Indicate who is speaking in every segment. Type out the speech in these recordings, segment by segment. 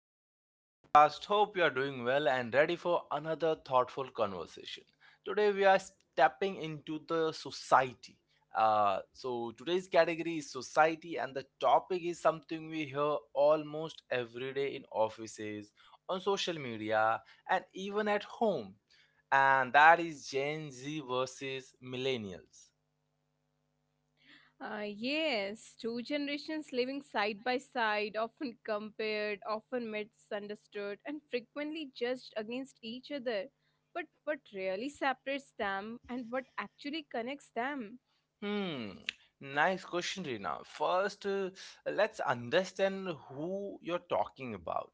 Speaker 1: back to the podcast. Hope you are doing well and ready for another thoughtful conversation. Today, we are stepping into the society. Today's category is society, and the topic is something we hear almost every day in offices, on social media, and even at home. And that is Gen Z versus millennials.
Speaker 2: Yes, two generations living side by side, often compared, often misunderstood, and frequently judged against each other. But what really separates them and what actually connects them?
Speaker 1: Hmm, nice question, Rina. First, let's understand who you're talking about.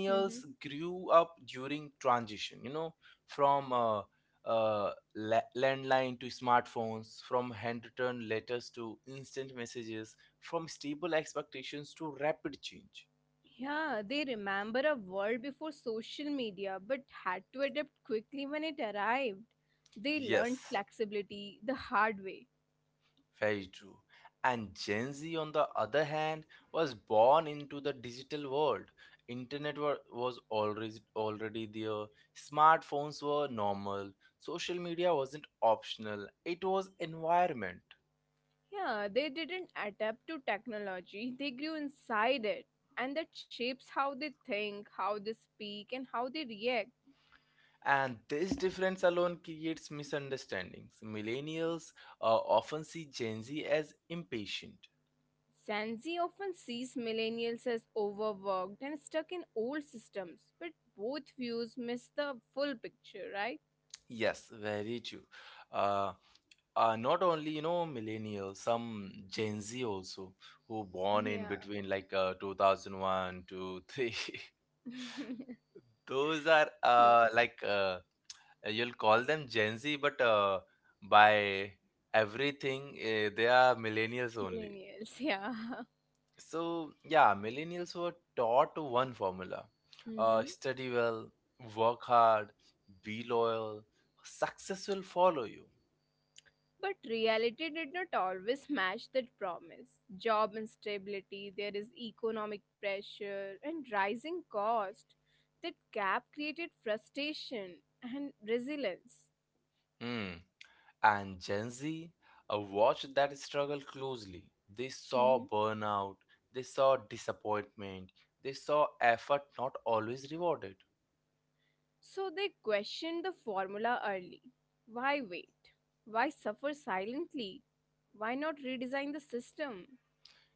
Speaker 2: Mhm.
Speaker 1: grew up during transition, you know, from landline to smartphones, from handwritten letters to instant messages, from stable expectations to rapid change.
Speaker 2: Yeah, they remember a world before social media but had to adapt quickly when it arrived. They learned
Speaker 1: Yes.
Speaker 2: flexibility the hard way.
Speaker 1: Very true. And Gen Z, on the other hand, was born into the digital world. Internet was already there. Smartphones were normal. Social media wasn't optional. It was environment.
Speaker 2: Yeah, they didn't adapt to technology, they grew inside it. And that shapes how they think, how they speak, and how they react.
Speaker 1: And this difference alone creates misunderstandings. Millennials often see Gen Z as impatient.
Speaker 2: Gen Z often sees millennials as overworked and stuck in old systems, but both views miss the full picture, right?
Speaker 1: Yes, very true. Uh, not only millennials, some Gen Z also who born in
Speaker 2: Yeah.
Speaker 1: between like 2001 to 3
Speaker 2: True.
Speaker 1: those are like you'll call them Gen Z but by everything they are millennials only.
Speaker 2: Millennials, yeah.
Speaker 1: So yeah, millennials were taught one formula: study well, work hard, be loyal, success will follow you.
Speaker 2: But reality did not always match that promise. Job instability, there is economic pressure, and rising cost. That gap created frustration and resilience.
Speaker 1: Hmm. And Gen Z watched that struggle closely. They saw
Speaker 2: Mhm.
Speaker 1: burnout, they saw disappointment, they saw effort not always rewarded.
Speaker 2: So they questioned the formula early. Why wait? Why suffer silently? Why not redesign the system?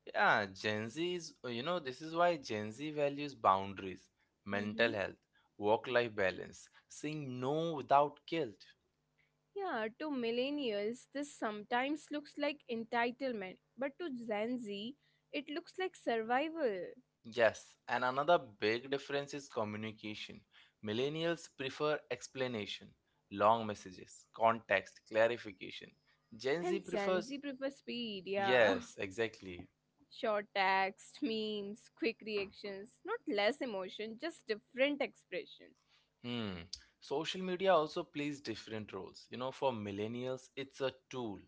Speaker 1: Yeah, Gen Z is, you know, this is why Gen Z values boundaries, mental
Speaker 2: Mhm.
Speaker 1: health, work life balance, saying no without guilt.
Speaker 2: Yeah, to millennials, this sometimes looks like entitlement, but to Gen Z, it looks like survival.
Speaker 1: Yes, and another big difference is communication. Millennials prefer explanation, long messages, context, clarification. Gen Z
Speaker 2: And
Speaker 1: prefers.
Speaker 2: Zanzi prefers speed, yeah.
Speaker 1: Yes, exactly.
Speaker 2: Short text, memes, quick reactions. Not less emotion, just different expression.
Speaker 1: Hmm. Social media also plays different roles. You know, for millennials, it's a tool.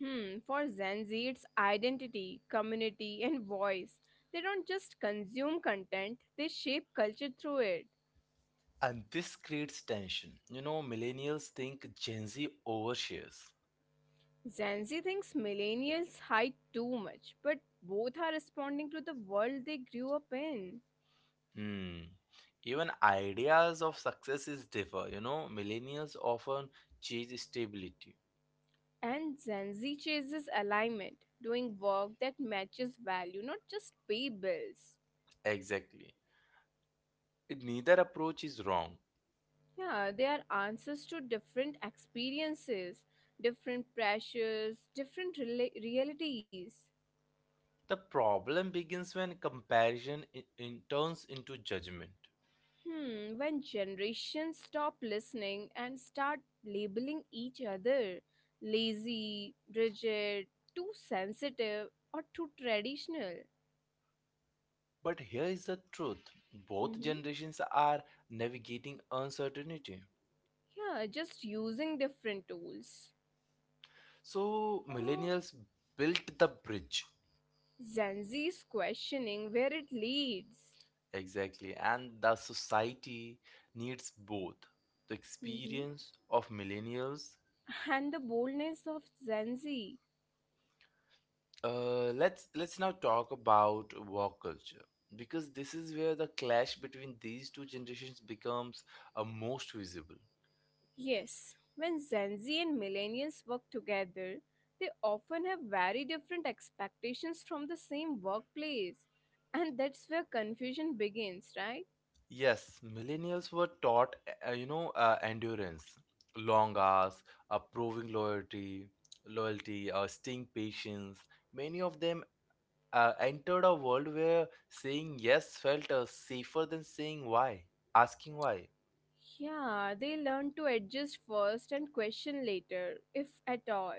Speaker 2: Hmm, for Zanzi, it's identity, community, and voice. They don't just consume content, they shape culture through it.
Speaker 1: And this creates tension. You know, millennials think Gen Z overshares.
Speaker 2: Zanzi thinks millennials hide too much, but both are responding to the world they grew up in.
Speaker 1: Hmm. Even ideas of successes differ. You know, millennials often chase stability.
Speaker 2: And Zanzi chases alignment, doing work that matches value, not just pay bills.
Speaker 1: Exactly. Neither approach is wrong.
Speaker 2: Yeah, they are answers to different experiences, different pressures, different realities.
Speaker 1: The problem begins when comparison in turns into judgment.
Speaker 2: Hmm, when generations stop listening and start labeling each other lazy, rigid, too sensitive, or too traditional.
Speaker 1: But here is the truth, both
Speaker 2: Hmm.
Speaker 1: generations are navigating uncertainty.
Speaker 2: Yeah, just using different tools.
Speaker 1: So, millennials built the bridge,
Speaker 2: Gen Z is questioning where it leads.
Speaker 1: exactly, and the society needs both the
Speaker 2: Hmm.
Speaker 1: experience of millennials.
Speaker 2: And the boldness of Gen Z.
Speaker 1: Let's now talk about work culture because this is where the clash between these two generations becomes most visible.
Speaker 2: Yes, when Gen Z and millennials work together, they often have very different expectations from the same workplace. And that's where confusion begins, right?
Speaker 1: Yes, millennials were taught, endurance, long hours, proving loyalty, staying patience. Many of them entered a world where saying yes felt safer than asking why.
Speaker 2: Yeah, they learn to adjust first and question later, if at all.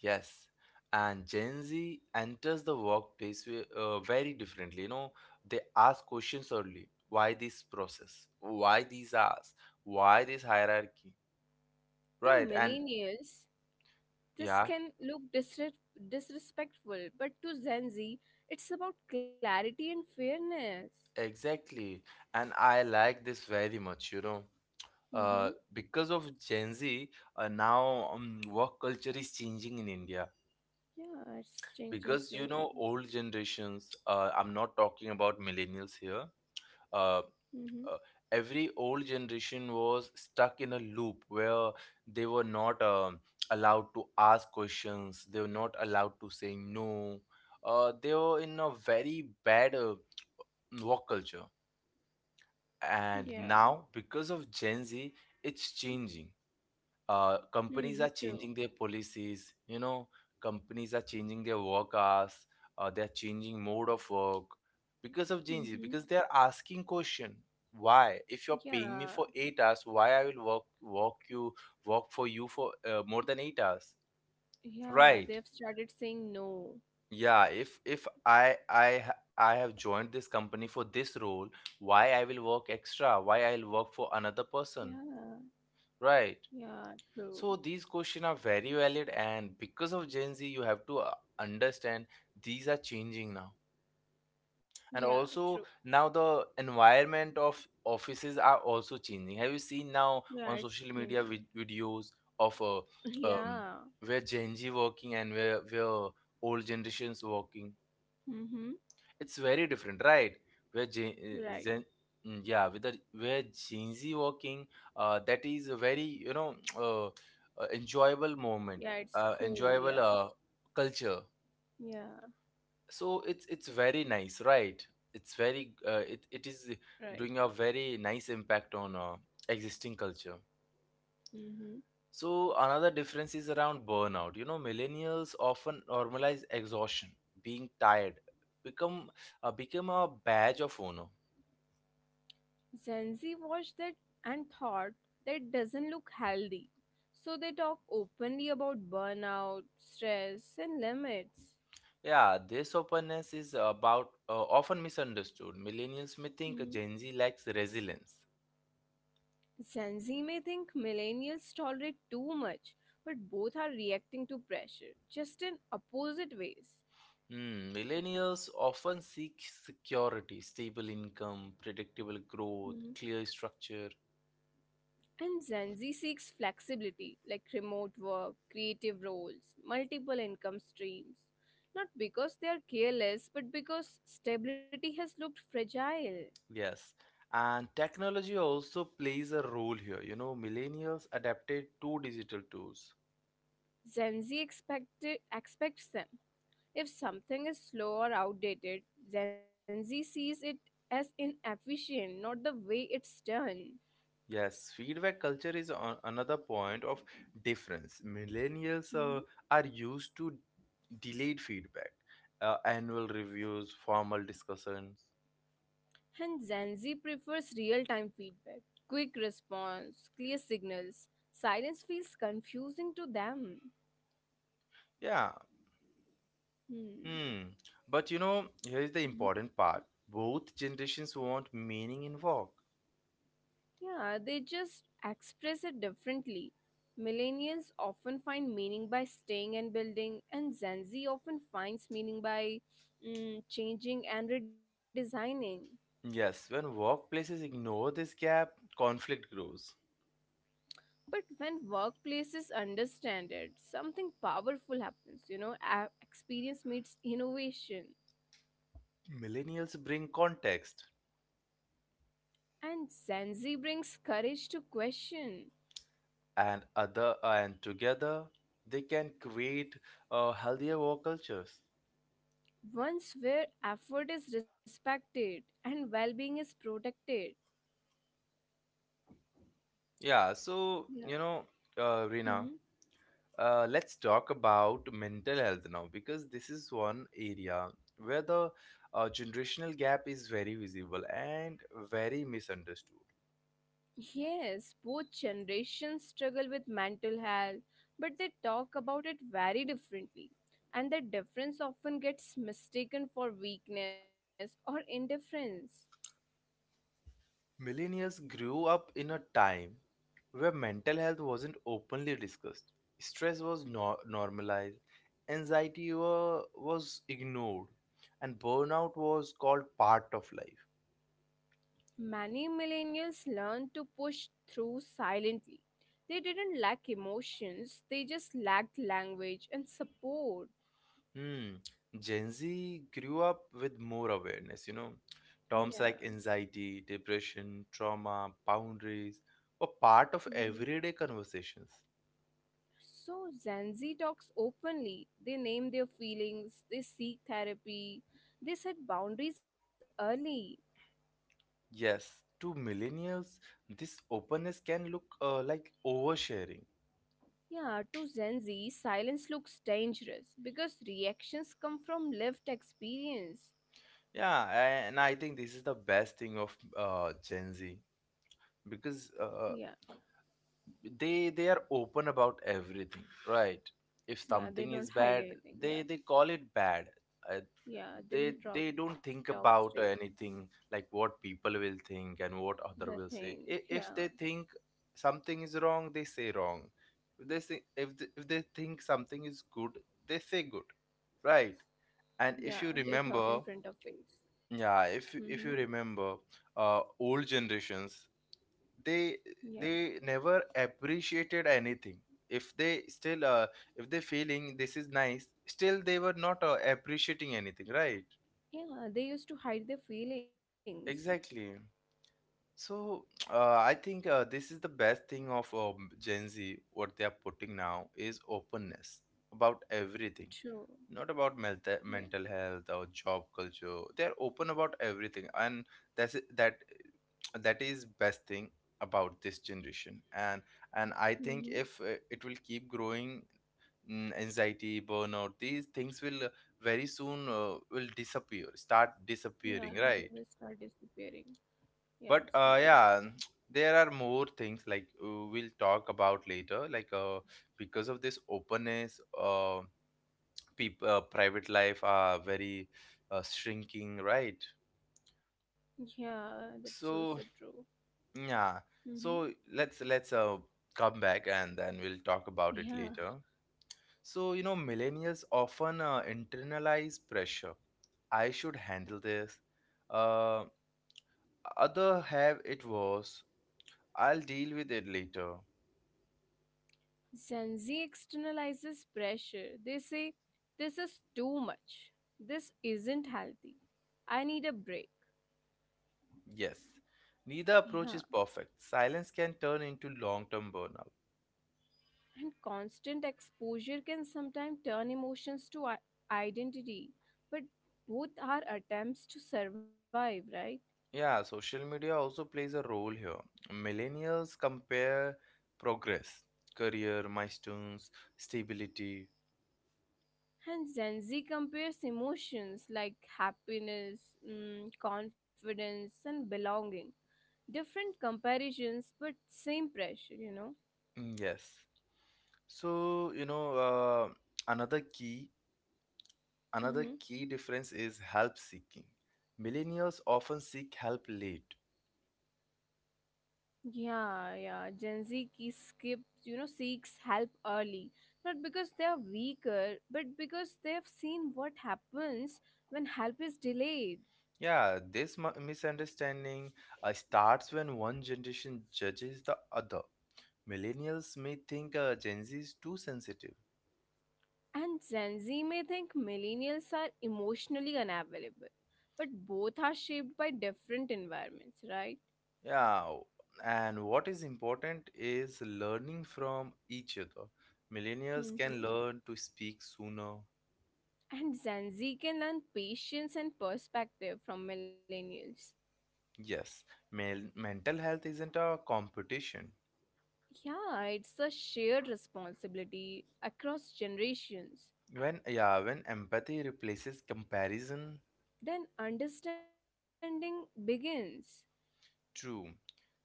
Speaker 1: Yes, and Gen Z enters the workplace very differently. You know, they ask questions early. Why this process? Why these hours? Why this hierarchy?
Speaker 2: To
Speaker 1: Right, and
Speaker 2: millennials, this
Speaker 1: yeah.
Speaker 2: can look disrespectful, but to Gen Z, it's about clarity and fairness.
Speaker 1: Exactly. And I like this very much, you know.
Speaker 2: Mm-hmm.
Speaker 1: Because of Gen Z, now work culture is changing in India.
Speaker 2: Yeah, it's
Speaker 1: Because,
Speaker 2: changing
Speaker 1: you know,
Speaker 2: slowly.
Speaker 1: old generations, I'm not talking about millennials here, uh,
Speaker 2: Mm-hmm.
Speaker 1: uh, every old generation was stuck in a loop where they were not allowed to ask questions, they were not allowed to say no. They were in a very bad work culture, and
Speaker 2: Yeah.
Speaker 1: now because of Gen Z it's changing. Companies are
Speaker 2: Hmm,
Speaker 1: changing
Speaker 2: true.
Speaker 1: their policies, you know, companies are changing their work hours, they're changing mode of work because of Gen Z,
Speaker 2: Mm-hmm.
Speaker 1: because they're asking question: why, if you're paying me
Speaker 2: Yeah,
Speaker 1: for 8 hours, why I will work for you for more than 8 hours?
Speaker 2: yeah,
Speaker 1: Right.
Speaker 2: they've started saying no.
Speaker 1: Yeah, if I have joined this company for this role, why I will work extra, why I'll work for another person?
Speaker 2: Yeah,
Speaker 1: Right.
Speaker 2: yeah, true.
Speaker 1: So these questions are very valid, and because of Gen Z, you have to understand these are changing now.
Speaker 2: Yeah,
Speaker 1: And
Speaker 2: true.
Speaker 1: also now the environment of offices are also changing. Have you seen now
Speaker 2: Yeah,
Speaker 1: on
Speaker 2: it's
Speaker 1: social
Speaker 2: changing.
Speaker 1: media videos of um,
Speaker 2: Yeah.
Speaker 1: where Gen Z working and where old generations working?
Speaker 2: Mm-hmm.
Speaker 1: It's very different, right? Where Gen,
Speaker 2: Right.
Speaker 1: Gen mm, yeah, with the Where Gen Z walking, that is a very, you know, enjoyable moment,
Speaker 2: Yeah, it's
Speaker 1: enjoyable
Speaker 2: cool. Yeah,
Speaker 1: culture.
Speaker 2: yeah,
Speaker 1: So it's very nice, right? It's very, it it is
Speaker 2: right.
Speaker 1: doing a very nice impact on existing culture.
Speaker 2: Mm-hmm.
Speaker 1: So another difference is around burnout. You know, millennials often normalize exhaustion, being tired, become become a badge of honor.
Speaker 2: Gen Z watched that and thought that doesn't look healthy. So they talk openly about burnout, stress, and limits.
Speaker 1: Yeah, this openness is about often misunderstood. Millennials may think Gen Z lacks resilience.
Speaker 2: Gen Z may think millennials tolerate too much, but both are reacting to pressure, just in opposite ways.
Speaker 1: Hmm, millennials often seek security, stable income, predictable growth,
Speaker 2: Mhm.
Speaker 1: clear structure.
Speaker 2: And Gen Z seeks flexibility, like remote work, creative roles, multiple income streams. Not because they are careless, but because stability has looked fragile.
Speaker 1: Yes. And technology also plays a role here. You know, millennials adapted to digital tools.
Speaker 2: Gen Z expect- expects them. If something is slow or outdated, Gen Z sees it as inefficient, not the way it's done.
Speaker 1: Yes, feedback culture is on another point of difference. Millennials are used to delayed feedback, annual reviews, formal discussions.
Speaker 2: And Gen Z prefers real time feedback, quick response, clear signals. Silence feels confusing to them.
Speaker 1: Yeah. Hmm.
Speaker 2: Hmm.
Speaker 1: But you know, here is the important part. Both generations want meaning in work.
Speaker 2: Yeah, they just express it differently. Millennials often find meaning by staying and building, and Gen Z often finds meaning by changing and redesigning.
Speaker 1: Yes, when workplaces ignore this gap, conflict grows.
Speaker 2: But when workplaces understand it, something powerful happens. You know, experience meets innovation.
Speaker 1: Millennials bring context,
Speaker 2: And Zanzi brings courage to question
Speaker 1: and other and together they can create healthier work cultures.
Speaker 2: once where effort is respected and well being is protected.
Speaker 1: Yeah, so
Speaker 2: Yeah.
Speaker 1: you know, Rina,
Speaker 2: Mhm.
Speaker 1: let's talk about mental health now because this is one area where the generational gap is very visible and very misunderstood.
Speaker 2: Yes, both generations struggle with mental health, but they talk about it very differently. And the difference often gets mistaken for weakness or indifference.
Speaker 1: Millennials grew up in a time where mental health wasn't openly discussed, stress was normalized, anxiety was ignored, and burnout was called part of life.
Speaker 2: Many millennials learned to push through silently. They didn't lack emotions, they just lacked language and support.
Speaker 1: Hmm. Gen Z grew up with more awareness, you know. Terms
Speaker 2: Yeah.
Speaker 1: like anxiety, depression, trauma, boundaries were part of
Speaker 2: Hmm.
Speaker 1: everyday conversations.
Speaker 2: So Gen Z talks openly. They name their feelings, they seek therapy, they set boundaries early.
Speaker 1: Yes, to millennials, this openness can look like oversharing.
Speaker 2: Yeah, to Gen Z, silence looks dangerous because reactions come from lived experience.
Speaker 1: Yeah, and I think this is the best thing of Gen Z, because uh,
Speaker 2: Yeah,
Speaker 1: they they are open about everything, right? If
Speaker 2: yeah, they
Speaker 1: something is
Speaker 2: don't hide
Speaker 1: bad,
Speaker 2: anything.
Speaker 1: they
Speaker 2: Yeah,
Speaker 1: they call it bad, uh,
Speaker 2: yeah,
Speaker 1: they
Speaker 2: they will
Speaker 1: they
Speaker 2: talk,
Speaker 1: don't think
Speaker 2: talk
Speaker 1: about
Speaker 2: straight.
Speaker 1: anything like what people will think and what other
Speaker 2: The
Speaker 1: will say.
Speaker 2: thing,
Speaker 1: If they
Speaker 2: yeah,
Speaker 1: think something is wrong, they say wrong. If they think something is good, they say good, right? And if
Speaker 2: yeah,
Speaker 1: you
Speaker 2: they talk
Speaker 1: remember,
Speaker 2: in front of face.
Speaker 1: yeah,
Speaker 2: Mm-hmm.
Speaker 1: if you remember old generations, they
Speaker 2: Yeah,
Speaker 1: they never appreciated anything. if they still uh, if they feeling this is nice, still they were not appreciating anything, right?
Speaker 2: yeah, they used to hide their feelings.
Speaker 1: Exactly. So I think this is the best thing of Gen Z, what they are putting now is openness about everything,
Speaker 2: True.
Speaker 1: not about mental
Speaker 2: Yeah.
Speaker 1: mental health or job culture. They are open about everything, and that that is best thing about this generation. And I think
Speaker 2: Mm-hmm.
Speaker 1: if it will keep growing, anxiety, burnout, these things will very soon will disappear start
Speaker 2: Yeah,
Speaker 1: disappearing,
Speaker 2: they
Speaker 1: right?
Speaker 2: will start disappearing. Yeah,
Speaker 1: But
Speaker 2: slowly.
Speaker 1: yeah, there are more things like, we'll talk about later, like because of this openness, people private life are very shrinking, right?
Speaker 2: Yeah, that's also
Speaker 1: So
Speaker 2: true.
Speaker 1: yeah.
Speaker 2: Mm-hmm.
Speaker 1: So let's come back and then we'll talk about it
Speaker 2: Yeah.
Speaker 1: later. So you know, millennials often internalize pressure. I should handle this, uh, other have it worse, I'll deal with it later.
Speaker 2: Gen Z externalizes pressure. They say, this is too much. This isn't healthy. I need a break.
Speaker 1: Yes, neither approach
Speaker 2: Yeah.
Speaker 1: is perfect. Silence can turn into long-term burnout.
Speaker 2: And constant exposure can sometimes turn emotions to identity. But both are attempts to survive, right?
Speaker 1: Yeah, social media also plays a role here. Millennials compare progress, career, milestones, stability.
Speaker 2: And Gen Z compares emotions like happiness, confidence, and belonging. Different comparisons, but same pressure, you know.
Speaker 1: Yes. So, you know, another key another
Speaker 2: Mm-hmm.
Speaker 1: key difference is help seeking. Millennials often seek help late.
Speaker 2: Yeah, yeah. Gen Z key skips, you know, seeks help early. Not because they are weaker, but because they have seen what happens when help is delayed.
Speaker 1: Yeah, this misunderstanding starts when one generation judges the other. Millennials may think Gen Z is too sensitive.
Speaker 2: And Gen Z may think millennials are emotionally unavailable, but both are shaped by different environments, right?
Speaker 1: Yeah, and what is important is learning from each other. Millennials can
Speaker 2: Mhm.
Speaker 1: learn to speak sooner.
Speaker 2: And Gen Z can learn patience and perspective from millennials.
Speaker 1: Yes, mental health isn't a competition.
Speaker 2: Yeah, it's a shared responsibility across generations.
Speaker 1: When yeah, when empathy replaces comparison,
Speaker 2: Then understanding begins.
Speaker 1: true.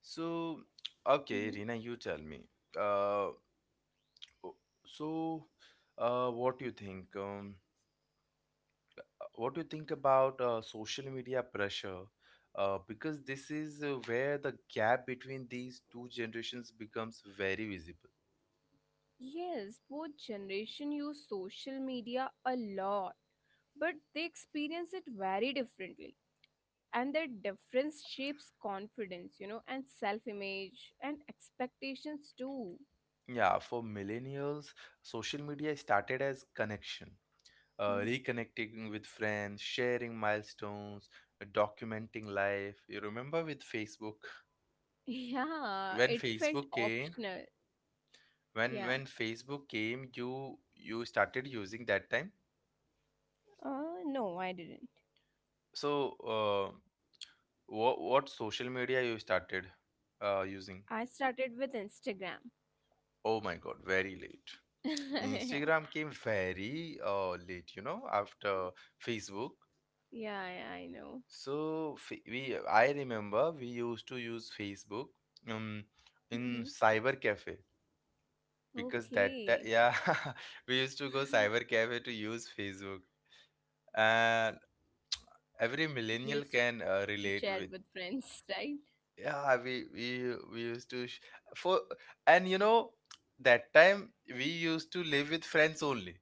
Speaker 1: So, okay, Rina,
Speaker 2: Mhm.
Speaker 1: you tell me. Uh, o- so, what do you think? What do you think about social media pressure? Because this is where the gap between these two generations becomes very visible.
Speaker 2: Yes, both generation use social media a lot, but they experience it very differently. And that difference shapes confidence, you know, and self image and expectations too.
Speaker 1: Yeah, for millennials, social media started as connection,
Speaker 2: Mhm.
Speaker 1: reconnecting with friends, sharing milestones, documenting life. You remember with Facebook,
Speaker 2: Yeah,
Speaker 1: when
Speaker 2: it felt
Speaker 1: Facebook came,
Speaker 2: optional.
Speaker 1: when
Speaker 2: Yeah.
Speaker 1: when Facebook came, you started using that time.
Speaker 2: No, I didn't.
Speaker 1: So, uh, what social media you started using?
Speaker 2: I started with Instagram.
Speaker 1: Oh my God, very late. Instagram
Speaker 2: Yeah.
Speaker 1: came very late, you know, after Facebook.
Speaker 2: Yeah, yeah, I know.
Speaker 1: So fa- we I remember we used to use Facebook um in
Speaker 2: Hmm.
Speaker 1: cyber cafe
Speaker 2: Okay.
Speaker 1: yeah. We used to go cyber cafe to use Facebook, and every millennial can
Speaker 2: Used to
Speaker 1: relate
Speaker 2: chat
Speaker 1: with.
Speaker 2: with friends, right?
Speaker 1: Yeah, we used to sh- for and you know that time we used to live with friends only,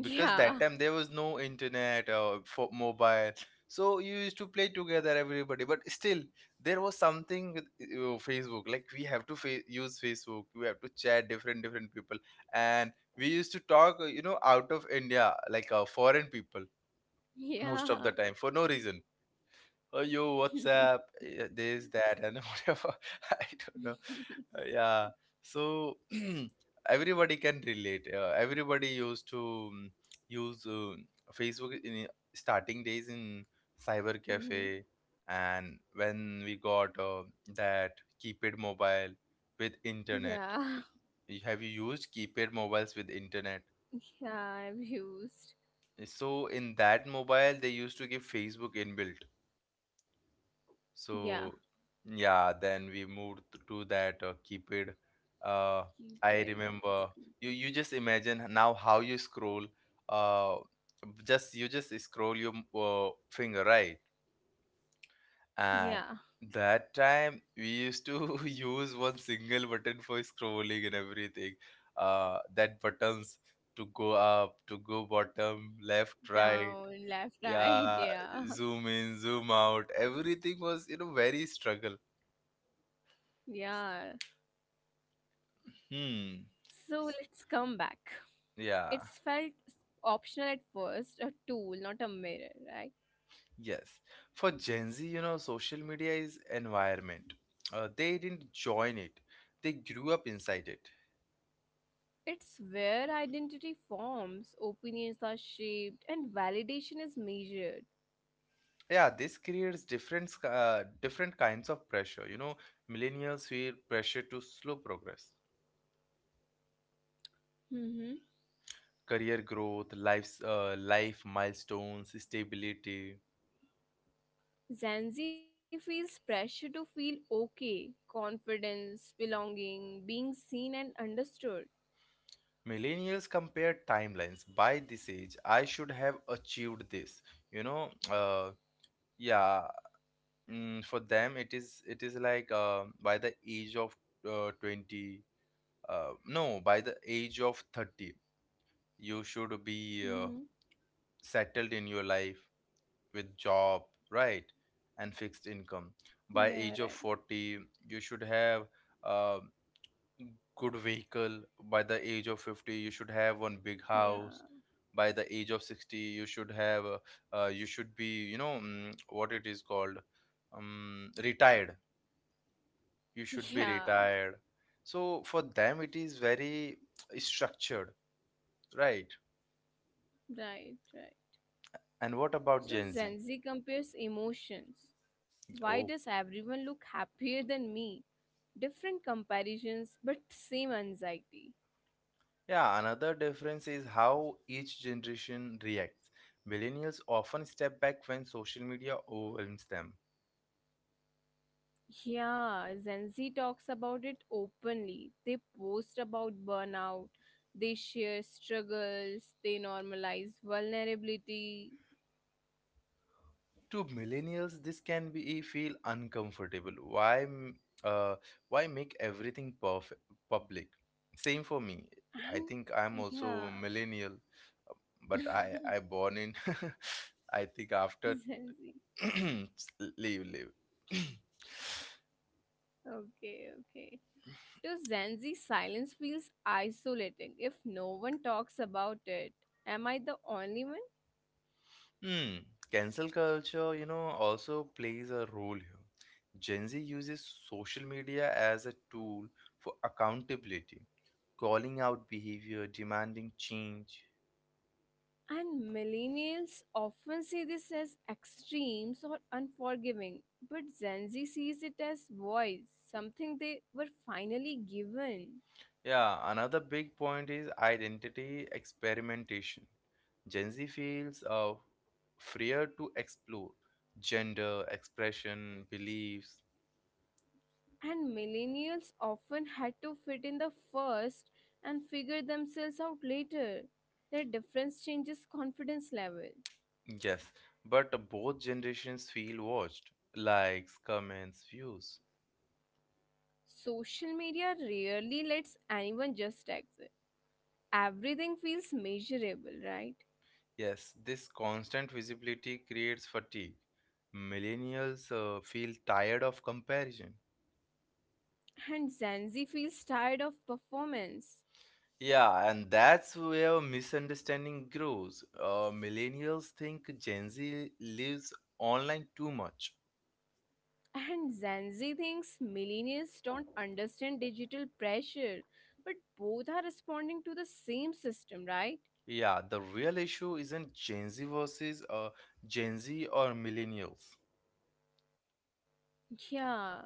Speaker 1: because that
Speaker 2: Yeah.
Speaker 1: time there was no internet or for mobile, so you used to play together, everybody, but still there was something with Facebook, like we have to use Facebook, we have to chat different different people. And we used to talk, out of India, like foreign people, most of the
Speaker 2: Yeah.
Speaker 1: time for no reason. Oh, you WhatsApp, this that and whatever, I don't know. Yeah. So everybody can relate, everybody used to mm, use Facebook in starting days in cyber cafe.
Speaker 2: Hmm.
Speaker 1: And when we got that keypad mobile with internet.
Speaker 2: Yeah.
Speaker 1: Have you used keypad mobiles with internet?
Speaker 2: Yeah, I've used.
Speaker 1: So in that mobile they used to give Facebook inbuilt.
Speaker 2: Yeah.
Speaker 1: So yeah, then we moved to that keypad. Uh, I
Speaker 2: Keypad, that's
Speaker 1: remember, you
Speaker 2: keyboard.
Speaker 1: you just imagine now how you scroll. Uh, just you just scroll your finger, right?
Speaker 2: Yeah.
Speaker 1: And that time we used to use one single button for scrolling and everything. That buttons, to go up, to go bottom, left, right.
Speaker 2: Down, left, right.
Speaker 1: Yeah,
Speaker 2: Yeah.
Speaker 1: zoom in, zoom out. Everything was, very struggle.
Speaker 2: Yeah.
Speaker 1: Hmm.
Speaker 2: So let's come back.
Speaker 1: Yeah,
Speaker 2: It's felt s- Optional at first, a tool, not a mirror, right?
Speaker 1: yes. For Gen Z, social media is environment. They didn't join it. They grew up inside it.
Speaker 2: It's where identity forms, opinions are shaped, and validation is measured.
Speaker 1: Yeah, this creates different kinds of pressure. Millennials feel pressure to slow progress,
Speaker 2: Mm-hmm.
Speaker 1: career growth, life milestones, stability.
Speaker 2: Zanzi feels pressure to feel okay, confidence, belonging, being seen and understood.
Speaker 1: Millennials compare timelines. By this age, I should have achieved this. You know, uh, yeah. For them, it is like, by the age of 20, no, by the age of 30, you should be
Speaker 2: Mm-hmm.
Speaker 1: settled in your life, with job, right? And fixed income.
Speaker 2: Yeah, right.
Speaker 1: By age of 40, you should have uh, good vehicle. By the age of 50, you should have one big
Speaker 2: Yeah.
Speaker 1: house. By the age of 60, you should be, what it is called, um, retired you should be
Speaker 2: Yeah,
Speaker 1: retired So for them, it is very structured, right?
Speaker 2: right, right.
Speaker 1: And what about
Speaker 2: So
Speaker 1: Gen Z?
Speaker 2: Zanzi compares emotions. Why does
Speaker 1: Oh.
Speaker 2: everyone look happier than me? Different comparisons, but same anxiety.
Speaker 1: Yeah, another difference is how each generation reacts. Millennials often step back when social media overwhelms them.
Speaker 2: Yeah, Gen Z talks about it openly. They post about burnout, they share struggles, they normalize vulnerability,
Speaker 1: To millennials, this can be feel uncomfortable. Why uh, make everything perfect public? Same for me. I think I'm
Speaker 2: and
Speaker 1: also
Speaker 2: yeah.
Speaker 1: millennial, but I born in I think after.
Speaker 2: Gen Z.
Speaker 1: Leave, leave.
Speaker 2: Okay, okay. To Gen Z, silence feels isolating if no one talks about it. Am I the only one?
Speaker 1: Hmm. Cancel culture, also plays a role here. Gen Z uses social media as a tool for accountability, calling out behavior, demanding change.
Speaker 2: And millennials often see this as extremes or unforgiving, but Gen Z sees it as voice, something they were finally given.
Speaker 1: Yeah, another big point is identity experimentation. Gen Z feels freer to explore gender, expression, beliefs.
Speaker 2: And millennials often had to fit in the first and figure themselves out later. Their difference changes confidence level.
Speaker 1: Yes, but both generations feel watched. Likes, comments, views.
Speaker 2: Social media rarely lets anyone just exit. Everything feels measurable, right?
Speaker 1: Yes, this constant visibility creates fatigue. Millennials feel tired of comparison.
Speaker 2: And Gen Z feels tired of performance.
Speaker 1: Yeah, and that's where misunderstanding grows. Millennials think Gen Z lives online too much.
Speaker 2: And Zanzi thinks millennials don't understand digital pressure, but both are responding to the same system, right?
Speaker 1: Yeah, the real issue isn't Gen Z versus Gen Z or millennials.
Speaker 2: Yeah,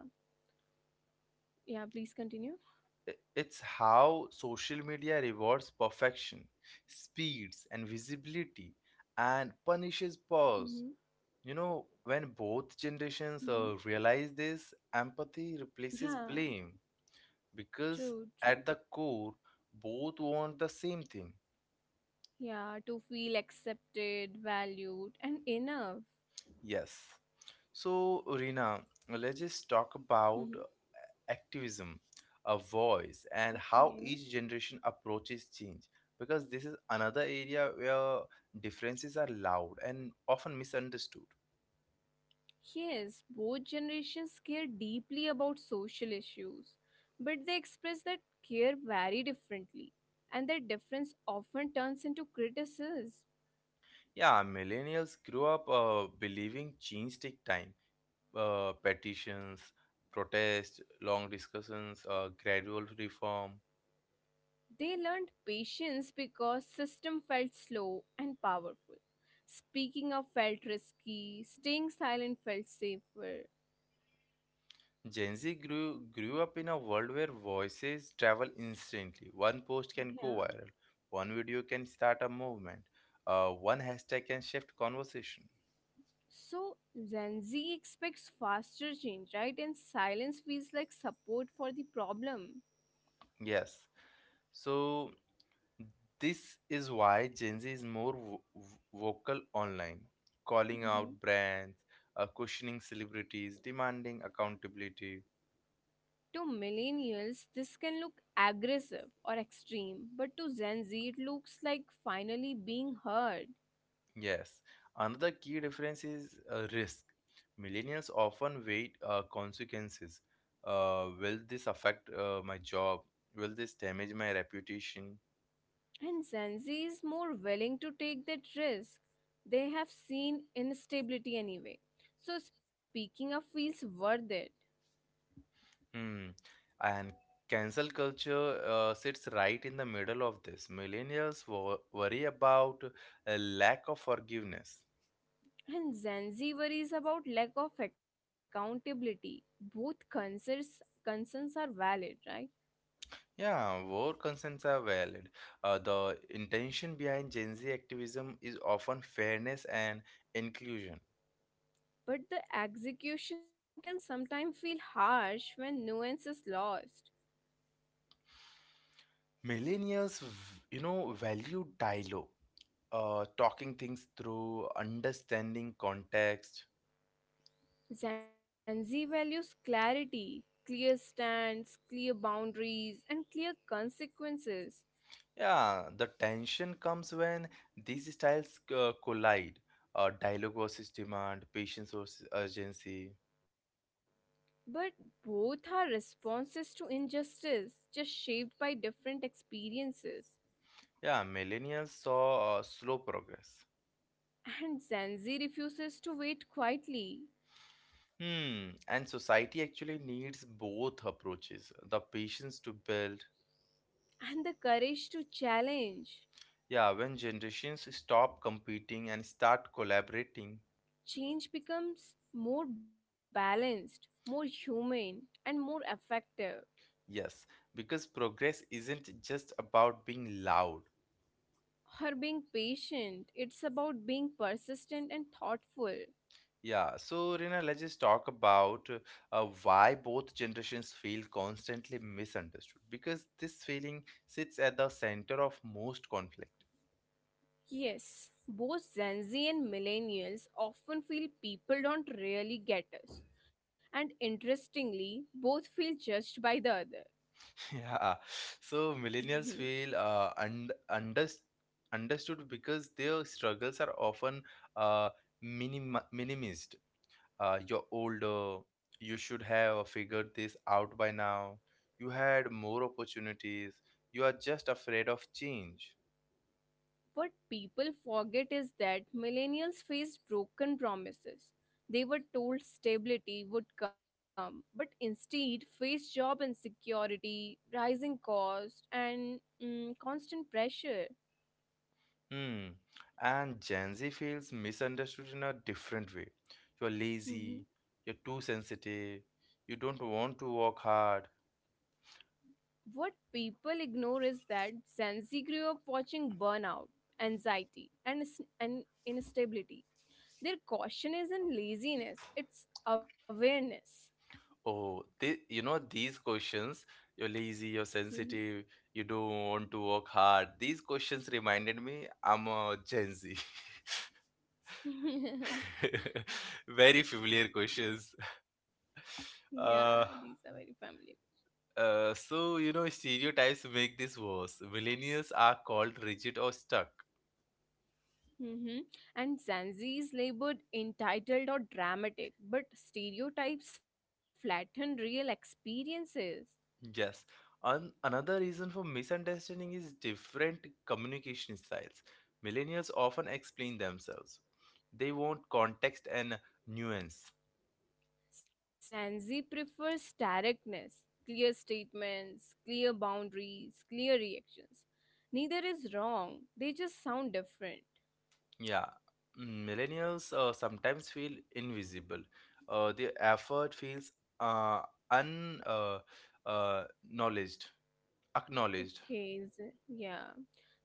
Speaker 2: yeah, please continue.
Speaker 1: It's how social media rewards perfection, speeds, and visibility, and punishes pause.
Speaker 2: Hmm.
Speaker 1: When both generations
Speaker 2: Hmm.
Speaker 1: realize this, empathy replaces
Speaker 2: Yeah,
Speaker 1: blame, because
Speaker 2: true,
Speaker 1: at
Speaker 2: true.
Speaker 1: the core, both want the same thing.
Speaker 2: Yeah, to feel accepted, valued, and enough.
Speaker 1: Yes. So, Rina, let's just talk
Speaker 2: Mhm.
Speaker 1: about activism, a voice, and how
Speaker 2: Okay.
Speaker 1: each generation approaches change. Because this is another area where differences are loud and often misunderstood.
Speaker 2: Yes, both generations care deeply about social issues, but they express that care very differently, and that difference often turns into criticism.
Speaker 1: Yeah, millennials grew up believing change take time. Petitions, protests, long discussions, gradual reform.
Speaker 2: They learned patience because system felt slow and powerful. Speaking up felt risky, staying silent felt safer.
Speaker 1: Gen Z grew up in a world where voices travel instantly. One post can go
Speaker 2: Yeah.
Speaker 1: viral, one video can start a movement, one hashtag can shift conversation.
Speaker 2: So Gen Z expects faster change, right? And silence feels like support for the problem.
Speaker 1: Yes. So, this is why Gen Z is more vocal online, calling out
Speaker 2: Mhm.
Speaker 1: brands, questioning celebrities, demanding accountability.
Speaker 2: To millennials, this can look aggressive or extreme, but to Gen Z, it looks like finally being heard.
Speaker 1: Yes, another key difference is risk. Millennials often weigh consequences. Will this affect my job? Will this damage my reputation?
Speaker 2: And Gen Z is more willing to take that risk. They have seen instability anyway. So speaking up feels worth it.
Speaker 1: Hmm. And cancel culture sits right in the middle of this. Millennials worry about a lack of forgiveness.
Speaker 2: And Gen Z worries about lack of accountability. Both concerns are valid, right?
Speaker 1: Yeah, both concerns are valid. The intention behind Gen Z activism is often fairness and inclusion.
Speaker 2: But the execution can sometimes feel harsh when nuance is lost.
Speaker 1: Millennials, value dialogue, talking things through, understanding context.
Speaker 2: Gen Z values clarity, clear stands, clear boundaries, and clear consequences.
Speaker 1: Yeah, the tension comes when these styles collide. Dialogue versus demand, patience versus urgency.
Speaker 2: But both are responses to injustice, just shaped by different experiences.
Speaker 1: Yeah, millennials saw slow progress.
Speaker 2: And Gen Z refuses to wait quietly,
Speaker 1: And society actually needs both approaches, the patience to build.
Speaker 2: and the courage to challenge.
Speaker 1: Yeah, when generations stop competing and start collaborating,
Speaker 2: Change becomes more balanced, more human, and more effective.
Speaker 1: yes, because progress isn't just about being loud.
Speaker 2: Or being patient, it's about being persistent and thoughtful.
Speaker 1: Yeah, so Rina, let's just talk about why both generations feel constantly misunderstood. Because this feeling sits at the center of most conflict.
Speaker 2: Yes, both Gen Z and millennials often feel people don't really get us. And interestingly, both feel judged by the other.
Speaker 1: Yeah, so millennials
Speaker 2: Mhm.
Speaker 1: feel un unders understood because their struggles are often uh, minim minimized. You're older, you should have figured this out by now. You had more opportunities. You are just afraid of change.
Speaker 2: What people forget is that millennials faced broken promises. They were told stability would come, but instead faced job insecurity, rising cost, and constant pressure.
Speaker 1: hmm and Gen Z feels misunderstood in a different way. You're lazy, you're too sensitive, you don't want to work hard.
Speaker 2: What people ignore is that Gen Z grew up watching burnout, anxiety, and instability. Their caution isn't laziness, it's awareness.
Speaker 1: Oh, they, you know these questions. You're lazy, you're
Speaker 2: Mhm.
Speaker 1: sensitive, you don't want to work hard. These questions reminded me, I'm a Gen Z. Very familiar questions.
Speaker 2: Yeah, these
Speaker 1: Uh,
Speaker 2: are very familiar.
Speaker 1: so, stereotypes make this worse. Millennials are called rigid or stuck.
Speaker 2: Hmm. And Gen Z is labeled entitled or dramatic, but stereotypes flatten real experiences.
Speaker 1: Yes. An another reason for misunderstanding is different communication styles. Millennials often explain themselves, they want context and nuance.
Speaker 2: Sanzi prefers directness, clear statements, clear boundaries, clear reactions. Neither is wrong, they just sound different.
Speaker 1: Yeah. Millennials sometimes feel invisible. Their effort feels uh, un uh, acknowledged. acknowledged.
Speaker 2: Okay, Z- yeah.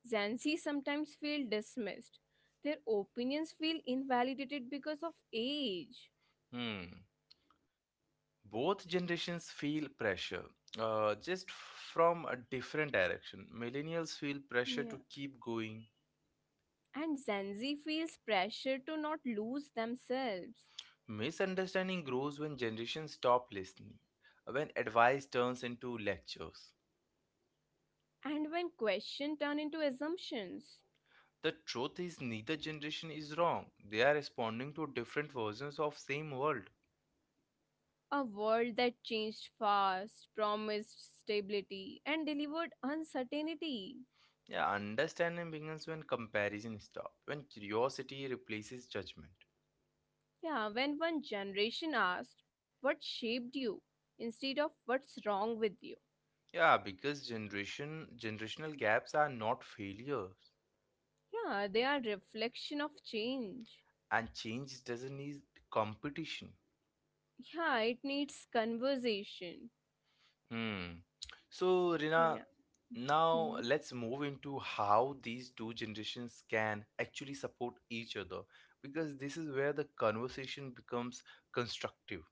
Speaker 2: Zanzi sometimes feel dismissed. Their opinions feel invalidated because of age.
Speaker 1: Hmm. Both generations feel pressure, just from a different direction. Millennials feel pressure
Speaker 2: Yeah.
Speaker 1: to keep going.
Speaker 2: And Zanzi feels pressure to not lose themselves.
Speaker 1: Misunderstanding grows when generations stop listening, when advice turns into lectures.
Speaker 2: And when questions turn into assumptions.
Speaker 1: The truth is, neither generation is wrong, they are responding to different versions of same world.
Speaker 2: A world that changed fast, promised stability, and delivered uncertainty.
Speaker 1: Yeah, understanding begins when comparison stops, when curiosity replaces judgment.
Speaker 2: Yeah, when one generation asked, what shaped you? Instead of what's wrong with you?
Speaker 1: Yeah, because generational gaps are not failures,
Speaker 2: Yeah, they are reflection of change.
Speaker 1: and change doesn't need competition.
Speaker 2: Yeah, it needs conversation.
Speaker 1: Hmm. So, Rina,
Speaker 2: Yeah.
Speaker 1: now
Speaker 2: Hmm.
Speaker 1: let's move into how these two generations can actually support each other, because this is where the conversation becomes constructive.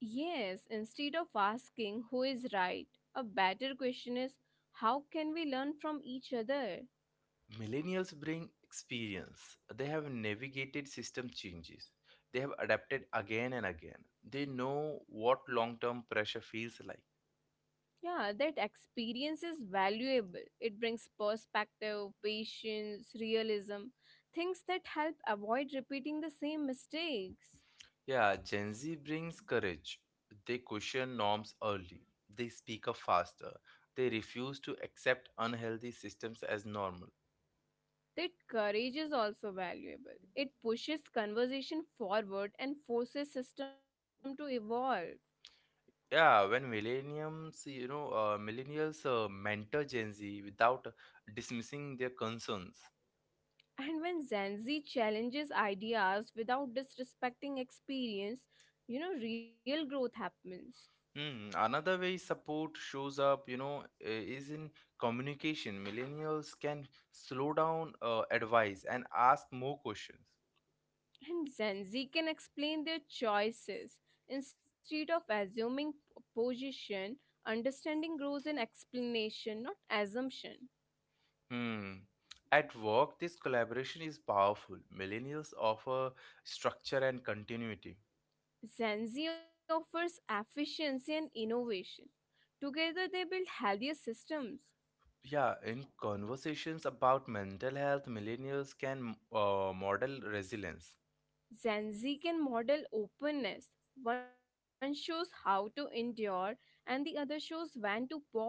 Speaker 2: Yes, instead of asking who is right, a better question is how can we learn from each other?
Speaker 1: Millennials bring experience, they have navigated system changes. They have adapted again and again. They know what long term pressure feels like.
Speaker 2: Yeah, that experience is valuable. It brings perspective, patience, realism, things that help avoid repeating the same mistakes.
Speaker 1: Yeah, Gen Z brings courage. They question norms early. They speak up faster. They refuse to accept unhealthy systems as normal.
Speaker 2: That courage is also valuable. It pushes conversation forward and forces system to evolve.
Speaker 1: Yeah, when millennials mentor Gen Z without dismissing their concerns.
Speaker 2: And when Gen Z challenges ideas without disrespecting experience, you know, real growth happens.
Speaker 1: Hmm. Another way support shows up, is in communication. Millennials can slow down, advise, and ask more questions.
Speaker 2: And Gen Z can explain their choices instead of assuming position. Understanding grows in explanation, not assumption.
Speaker 1: Hmm. At work, this collaboration is powerful. Millennials offer structure and continuity.
Speaker 2: Gen Z offers efficiency and innovation. Together, they build healthier systems.
Speaker 1: Yeah, in conversations about mental health, millennials can model resilience.
Speaker 2: Gen Z can model openness. One shows how to endure, and the other shows when to pause.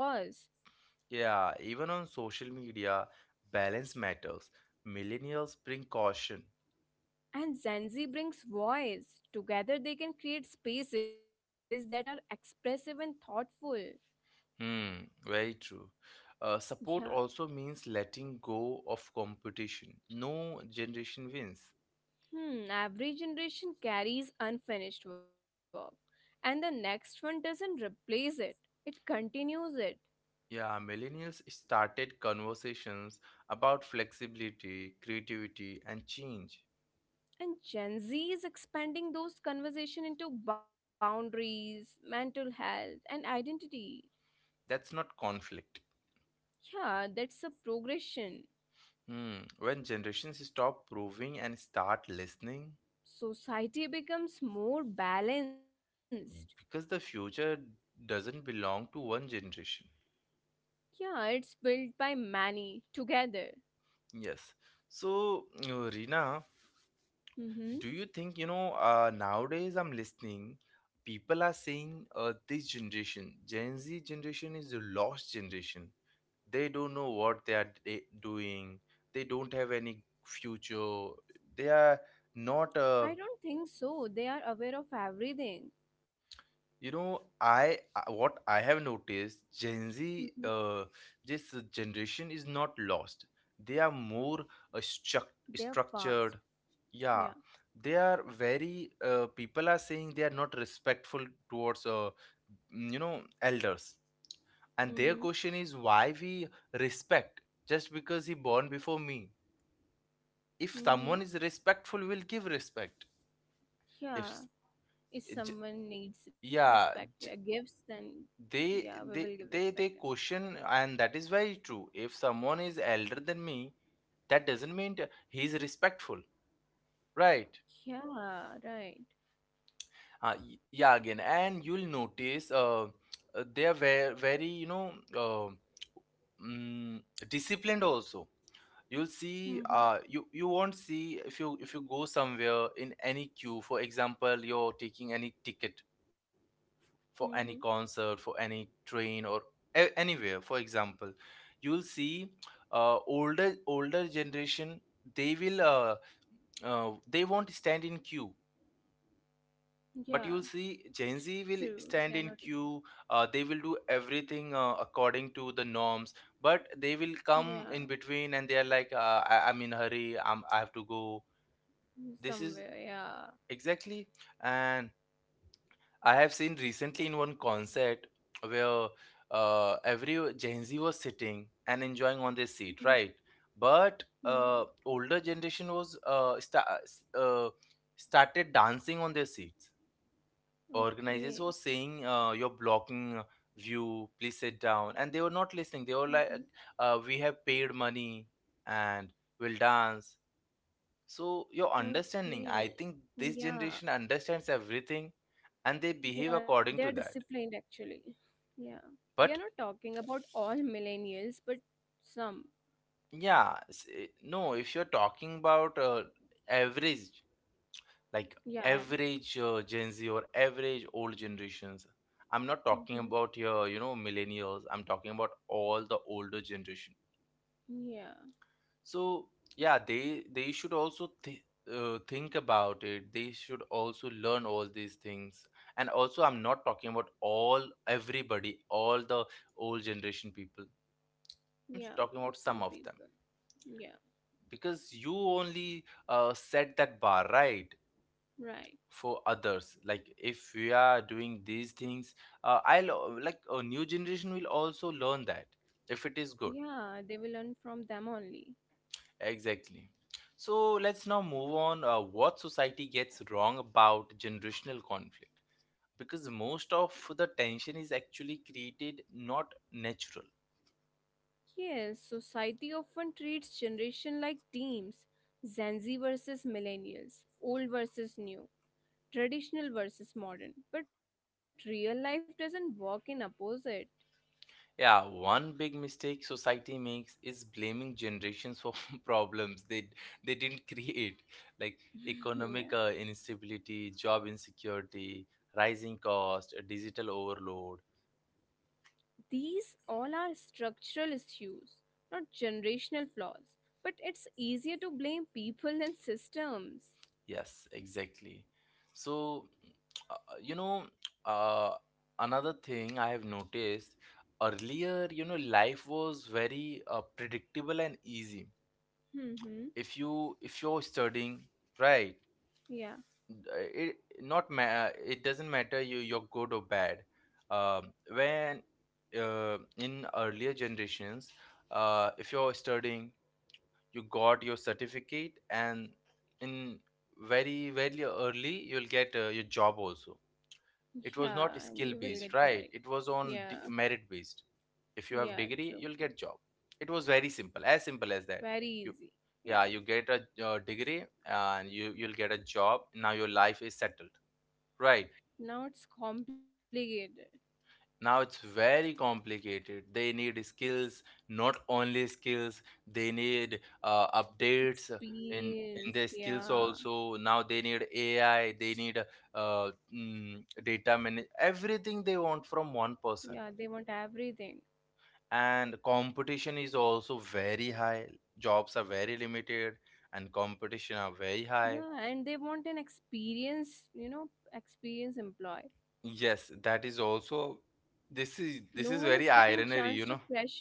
Speaker 1: Yeah, even on social media, balance matters. Millennials bring caution.
Speaker 2: And Gen Z brings voice. Together, they can create spaces that are expressive and thoughtful.
Speaker 1: Hmm, very true.
Speaker 2: Yeah.
Speaker 1: Support also means letting go of competition. No generation wins.
Speaker 2: Hmm, every generation carries unfinished work, and the next one doesn't replace it, it continues it.
Speaker 1: Yeah, millennials started conversations about flexibility, creativity, and change.
Speaker 2: And Gen Z is expanding those conversation into boundaries, mental health, and identity.
Speaker 1: That's not conflict.
Speaker 2: Yeah, that's a progression.
Speaker 1: Hmm. When generations stop proving and start listening,
Speaker 2: Society becomes more balanced.
Speaker 1: because the future doesn't belong to one generation.
Speaker 2: Yeah, it's built by many together.
Speaker 1: Yes. So, Rina,
Speaker 2: Mm-hmm.
Speaker 1: do you think, nowadays I'm listening, people are saying this generation, Gen Z generation is the lost generation, they don't know what they are doing, they don't have any future, they are not.
Speaker 2: I don't think so. They are aware of everything.
Speaker 1: What I have noticed, Gen Z,
Speaker 2: Mm-hmm.
Speaker 1: uh, this generation is not lost. They are more uh, struct-
Speaker 2: They're
Speaker 1: structured
Speaker 2: fast.
Speaker 1: Yeah,
Speaker 2: Yeah.
Speaker 1: they are very people are saying they are not respectful towards elders. And their
Speaker 2: Mm-hmm.
Speaker 1: question is, why we respect, just because he born before me? If
Speaker 2: Mm-hmm.
Speaker 1: someone is respectful, will give respect. If s-
Speaker 2: Yeah, if
Speaker 1: j-
Speaker 2: someone needs
Speaker 1: Yeah,
Speaker 2: respect, yeah,
Speaker 1: j-
Speaker 2: gifts, then
Speaker 1: they
Speaker 2: yeah, we will
Speaker 1: they
Speaker 2: give
Speaker 1: they
Speaker 2: respect.
Speaker 1: they
Speaker 2: Him.
Speaker 1: question, and that is very true. If someone is elder than me, that doesn't mean that he is respectful, right?
Speaker 2: Yeah, right.
Speaker 1: Yeah, again, and you'll notice they are very very, mm, disciplined also. You'll see
Speaker 2: Mm-hmm.
Speaker 1: you won't see, if you go somewhere in any queue, for example, you're taking any ticket for
Speaker 2: Mm-hmm.
Speaker 1: any concert, for any train, or anywhere, for example, you'll see older generation, they will, they won't stand in queue. But
Speaker 2: Yeah,
Speaker 1: you'll see Gen Z
Speaker 2: true.
Speaker 1: will
Speaker 2: They are not.
Speaker 1: stand in queue, they will do everything according to the norms, but they will come
Speaker 2: Yeah,
Speaker 1: in between, and they are like, I'm in a hurry. I have to go. This is
Speaker 2: somewhere. Yeah.
Speaker 1: exactly. And I have seen recently, in one concert where every Gen Z was sitting and enjoying on their seat,
Speaker 2: Mm-hmm.
Speaker 1: right? But
Speaker 2: Mm-hmm.
Speaker 1: older generation was uh, started dancing on their seats. Organizers
Speaker 2: Okay.
Speaker 1: were saying, you're blocking view, please sit down. And they were not listening. They were like,
Speaker 2: Mm-hmm.
Speaker 1: we have paid money, and will dance. So your understanding, I
Speaker 2: Okay.
Speaker 1: think this
Speaker 2: Yeah.
Speaker 1: generation understands everything, and they behave
Speaker 2: Yeah, they
Speaker 1: according
Speaker 2: are
Speaker 1: to that.
Speaker 2: disciplined actually. Yeah. We are
Speaker 1: But
Speaker 2: not talking about all millennials, but some.
Speaker 1: yeah, no, if you're talking about average, like,
Speaker 2: Yeah,
Speaker 1: average
Speaker 2: average.
Speaker 1: Gen Z or average old generations, I'm not talking
Speaker 2: Mm-hmm.
Speaker 1: about your millennials. I'm talking about all the older generation.
Speaker 2: Yeah.
Speaker 1: So yeah, they should also th think about it. They should also learn all these things. And also, I'm not talking about all, everybody, all the old generation people. I'm just talking about
Speaker 2: Yeah,
Speaker 1: some
Speaker 2: for
Speaker 1: of them
Speaker 2: some people. Yeah,
Speaker 1: because you only set that bar right
Speaker 2: right.
Speaker 1: for others, like if we are doing these things, I'll like a new generation will also learn that if it is good.
Speaker 2: Yeah, they will learn from them only.
Speaker 1: Exactly. So let's now move on, what society gets wrong about generational conflict, because most of the tension is actually created, not natural.
Speaker 2: Yes, society often treats generation like teams. Gen Z versus millennials, old versus new, traditional versus modern. But real life doesn't work in opposite.
Speaker 1: Yeah, one big mistake society makes is blaming generations for problems they didn't create, like
Speaker 2: Yeah.
Speaker 1: economic instability, job insecurity, rising cost, digital overload.
Speaker 2: These all are structural issues, not generational flaws. But it's easier to blame people than systems.
Speaker 1: Yes, exactly. So, uh, you know, uh, another thing I have noticed: earlier, you know, life was very predictable and easy. If
Speaker 2: Mm-hmm.
Speaker 1: you If you're studying, right?
Speaker 2: Yeah.
Speaker 1: it not ma- it doesn't matter, you you're good or bad, when, in earlier generations, if you're studying, you got your certificate, and in very early you'll get your job also. It was not
Speaker 2: Yeah,
Speaker 1: skill
Speaker 2: and you will
Speaker 1: based,
Speaker 2: get
Speaker 1: right?
Speaker 2: married.
Speaker 1: It was on
Speaker 2: Yeah,
Speaker 1: merit based. If you have
Speaker 2: yeah,
Speaker 1: degree,
Speaker 2: true.
Speaker 1: you'll get job. It was very simple, as simple as that. you
Speaker 2: Very easy.
Speaker 1: yeah you
Speaker 2: Yeah.
Speaker 1: get a degree and you'll get a job, now your life is settled. Right.
Speaker 2: Now it's complicated.
Speaker 1: Now it's very complicated. They need skills, not only skills, they need updates in
Speaker 2: Experience.
Speaker 1: their skills
Speaker 2: Yeah,
Speaker 1: also. Now they need AI, they need data, manage everything they want from one person.
Speaker 2: yeah, they want everything.
Speaker 1: And competition is also very high. Jobs are very limited and competition are very high.
Speaker 2: Yeah, and they want an experience, you know, experience employee.
Speaker 1: Yes, that is also. this
Speaker 2: No one
Speaker 1: is
Speaker 2: is
Speaker 1: this is
Speaker 2: giving
Speaker 1: very
Speaker 2: chance to
Speaker 1: ironary, you know.
Speaker 2: pressure.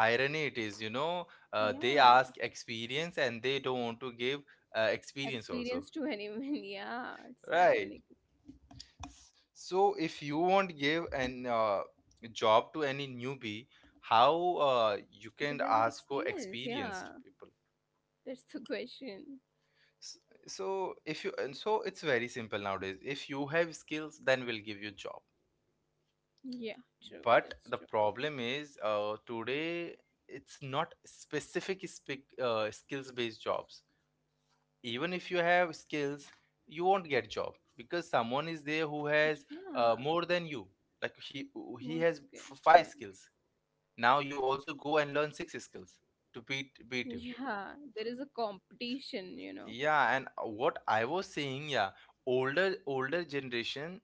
Speaker 1: Irony it is, you know. They
Speaker 2: Yeah,
Speaker 1: ask experience and they don't want to give experience also.
Speaker 2: experience to anyone. Yeah, it's
Speaker 1: Right,
Speaker 2: ironic.
Speaker 1: so if you won't give an job to any newbie, how you
Speaker 2: They will
Speaker 1: can
Speaker 2: get
Speaker 1: ask for
Speaker 2: experience. Yeah,
Speaker 1: experienced people?
Speaker 2: that's the question.
Speaker 1: S- so if you, and so it's very simple nowadays: if you have skills, then we'll give you job.
Speaker 2: Yeah, true. That's
Speaker 1: But
Speaker 2: true.
Speaker 1: the problem is, today it's not specific spec skills based jobs. Even if you have skills, you won't get job because someone is there who
Speaker 2: Yeah,
Speaker 1: has more than you, like he
Speaker 2: Muskets,
Speaker 1: has
Speaker 2: yeah.
Speaker 1: five skills, now you also go and learn six skills to beat beat him.
Speaker 2: Yeah, there is a competition, you know.
Speaker 1: Yeah, and what I was saying, yeah, older generation,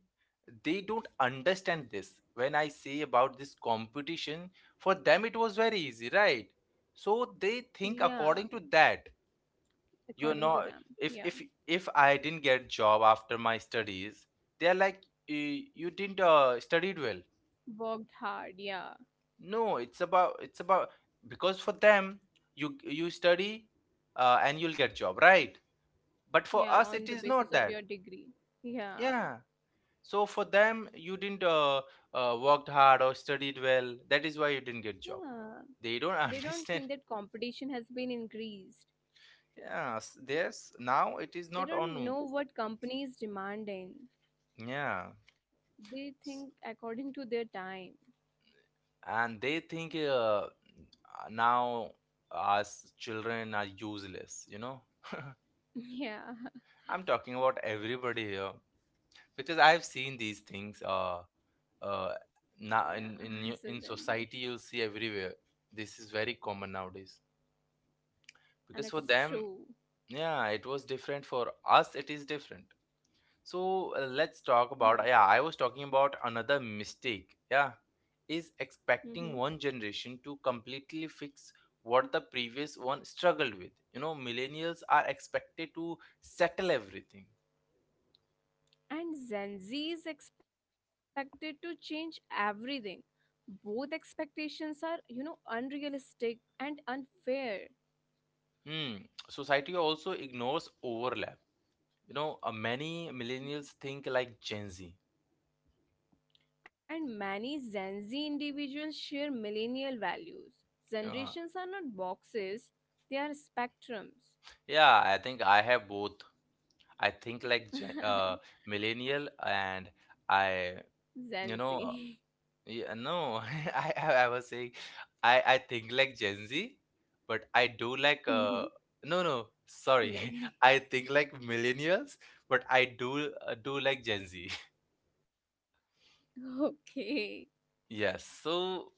Speaker 1: they don't understand this when I say about this competition. For them it was very easy, right? So they
Speaker 2: Yeah,
Speaker 1: think according to that.
Speaker 2: according to
Speaker 1: You're
Speaker 2: them.
Speaker 1: not.
Speaker 2: Yeah.
Speaker 1: if if if I didn't get job after my studies, they're like, You didn't studied well."
Speaker 2: Worked hard, yeah.
Speaker 1: No, it's about, because for them, you study and you'll get job, right? But for
Speaker 2: Yeah,
Speaker 1: us it
Speaker 2: on the
Speaker 1: is not
Speaker 2: basis of
Speaker 1: that.
Speaker 2: your degree. Yeah.
Speaker 1: Yeah, so for them, you didn't worked hard or studied well, that is why you didn't get
Speaker 2: Yeah.
Speaker 1: job.
Speaker 2: They
Speaker 1: They don't
Speaker 2: don't think that
Speaker 1: understand.
Speaker 2: competition has been increased.
Speaker 1: Yes, s- there's now it is
Speaker 2: They
Speaker 1: not
Speaker 2: don't
Speaker 1: on,
Speaker 2: know what company is demanding.
Speaker 1: yeah,
Speaker 2: They think according to their time.
Speaker 1: and they think, now us children are useless, you know.
Speaker 2: Yeah.
Speaker 1: I'm talking about everybody here because I've seen these things, uh,
Speaker 2: Yeah. So
Speaker 1: now
Speaker 2: Gen
Speaker 1: in
Speaker 2: Z.
Speaker 1: in society you'll see everywhere. This is very common nowadays,
Speaker 2: And it's
Speaker 1: because for
Speaker 2: true.
Speaker 1: them, yeah, it was different, for us it is different. So let's talk
Speaker 2: Yeah.
Speaker 1: about, yeah, I was talking about another mistake. Yeah, is
Speaker 2: Mm-hmm.
Speaker 1: expecting one generation to completely fix what the previous one struggled with. You know, millennials are expected to settle everything.
Speaker 2: And Gen Z is expected to change everything. Both expectations are, you know, unrealistic and unfair.
Speaker 1: Hmm. Society also ignores overlap. You know, many millennials think like Gen Z.
Speaker 2: And many Gen Z individuals share millennial values.
Speaker 1: Uh,
Speaker 2: Generations are not boxes, they are spectrums.
Speaker 1: yeah, I think I have both. I think like millennial and I, you know.
Speaker 2: Gen Z.
Speaker 1: Yeah, no, I was saying, I think like Gen Z, but I do like no no sorry, I think
Speaker 2: Millennial.
Speaker 1: like millennials, but I do do like Gen Z.
Speaker 2: Okay.
Speaker 1: Yes, so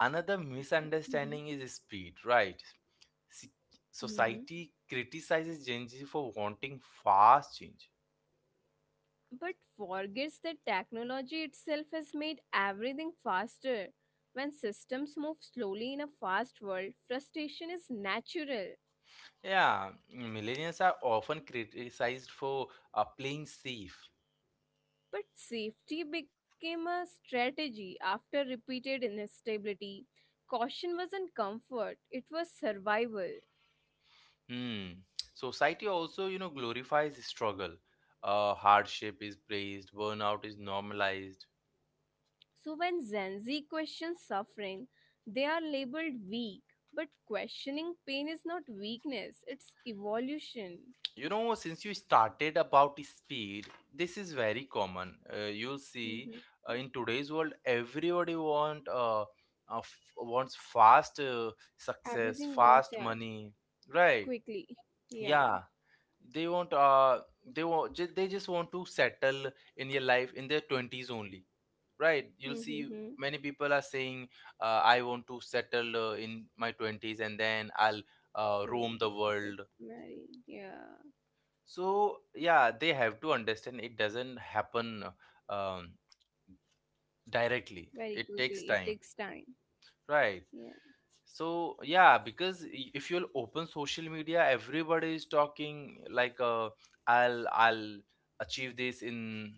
Speaker 1: another misunderstanding
Speaker 2: Hmm.
Speaker 1: is speed, right? See,
Speaker 2: Hmm,
Speaker 1: society criticizes Gen Z for wanting fast change.
Speaker 2: but forgets that technology itself has made everything faster. When systems move slowly in a fast world, frustration is natural.
Speaker 1: Yeah, millennials are often criticized for playing safe.
Speaker 2: But safety became a strategy after repeated instability. Caution wasn't comfort, it was survival.
Speaker 1: Hmm. Society also, you know, glorifies struggle. Hardship is praised, burnout is normalized.
Speaker 2: So when Gen Z questions suffering, they are labeled weak. But questioning pain is not weakness, it's evolution.
Speaker 1: You know, since you started about speed, this is very common. You'll see
Speaker 2: Mhm.
Speaker 1: in today's world, everybody want wants fast success,
Speaker 2: Everything wants,
Speaker 1: fast
Speaker 2: yeah,
Speaker 1: money, right?
Speaker 2: quickly. Yeah.
Speaker 1: Yeah, they want they want they just want to settle in your life in their 20s only, right? You'll see
Speaker 2: Mm-hmm.
Speaker 1: many people are saying, I want to settle in my 20s, and then I'll
Speaker 2: True.
Speaker 1: roam the
Speaker 2: It
Speaker 1: world.
Speaker 2: very, yeah,
Speaker 1: So yeah, they have to understand, it doesn't happen, um, directly,
Speaker 2: very
Speaker 1: it
Speaker 2: quickly.
Speaker 1: takes
Speaker 2: It takes
Speaker 1: time,
Speaker 2: time.
Speaker 1: right?
Speaker 2: Yeah.
Speaker 1: So yeah, because if you'll open social media, everybody is talking like, uh, I'll achieve this in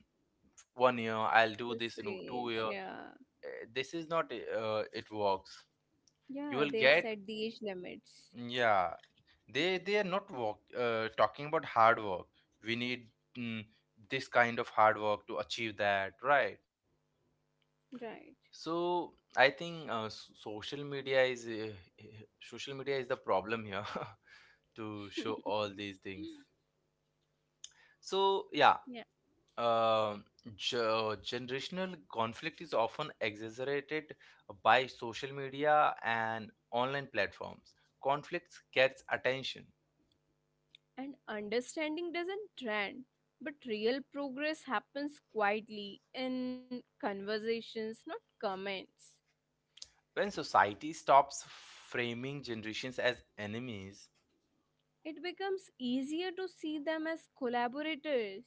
Speaker 1: 1 year, I'll do
Speaker 2: This
Speaker 1: this in
Speaker 2: age.
Speaker 1: 2 year.
Speaker 2: Yeah.
Speaker 1: Eh, this is not it works. You
Speaker 2: Yeah.
Speaker 1: will
Speaker 2: They have
Speaker 1: get,
Speaker 2: set the age limits.
Speaker 1: mm, yeah, they are not talking about hard work. We need, mm, this kind of hard work to achieve that, right?
Speaker 2: Right.
Speaker 1: So I think social media is social media is the problem here to show all these things. So yeah,
Speaker 2: Yeah.
Speaker 1: uh, generational conflict is often exaggerated by social media and online platforms. Conflicts gets attention.
Speaker 2: And understanding doesn't trend, but real progress happens quietly in conversations, not comments.
Speaker 1: When society stops framing generations as enemies,
Speaker 2: It becomes easier to see them as collaborators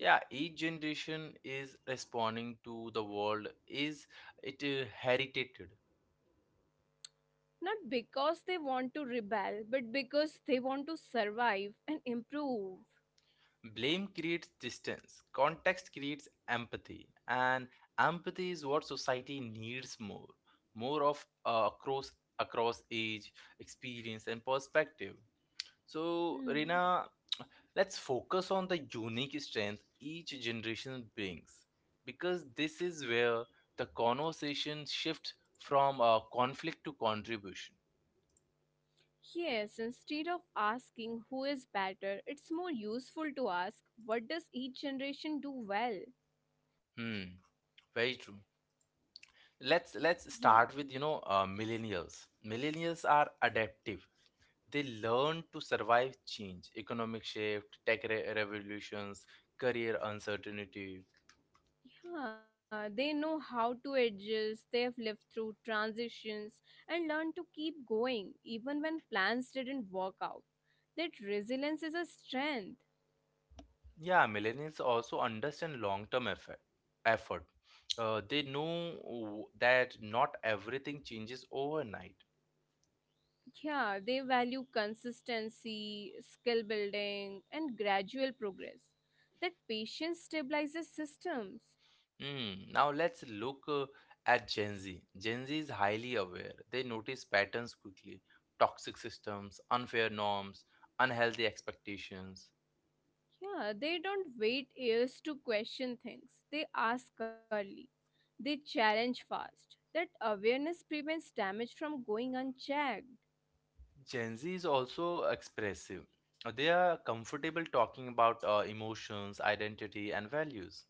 Speaker 1: yeah, each generation is responding to the world is it, heritated.
Speaker 2: not because they want to rebel, but because they want to survive and improve.
Speaker 1: Blame creates distance, context creates empathy, and empathy is what society needs more, more of, across, across age, experience, and perspective. So,
Speaker 2: Hmm.
Speaker 1: Rina, let's focus on the unique strength each generation brings, because this is where the conversation shifts from conflict to contribution.
Speaker 2: Yes, instead of asking who is better, it's more useful to ask what does each generation do well?
Speaker 1: Hmm, very true. Let's
Speaker 2: Yeah.
Speaker 1: start with, you know, uh, millennials are adaptive. They learn to survive change, economic shift, tech revolutions, career uncertainty.
Speaker 2: Yeah, they know how to adjust, they have lived through transitions and learned to keep going even when plans didn't work out. That resilience is a strength.
Speaker 1: Yeah, millennials also understand long term effort. They know that not everything changes overnight.
Speaker 2: Yeah, they value consistency, skill building, and gradual progress. That patience stabilizes systems.
Speaker 1: Mm, now let's look, at Gen Z. Gen Z is highly aware. They notice patterns quickly, toxic systems, unfair norms, unhealthy expectations.
Speaker 2: Yeah, they don't wait years to question things, they ask early. They challenge fast. That awareness prevents damage from going unchecked.
Speaker 1: Gen Z is also expressive. They are comfortable talking about emotions, identity, and values.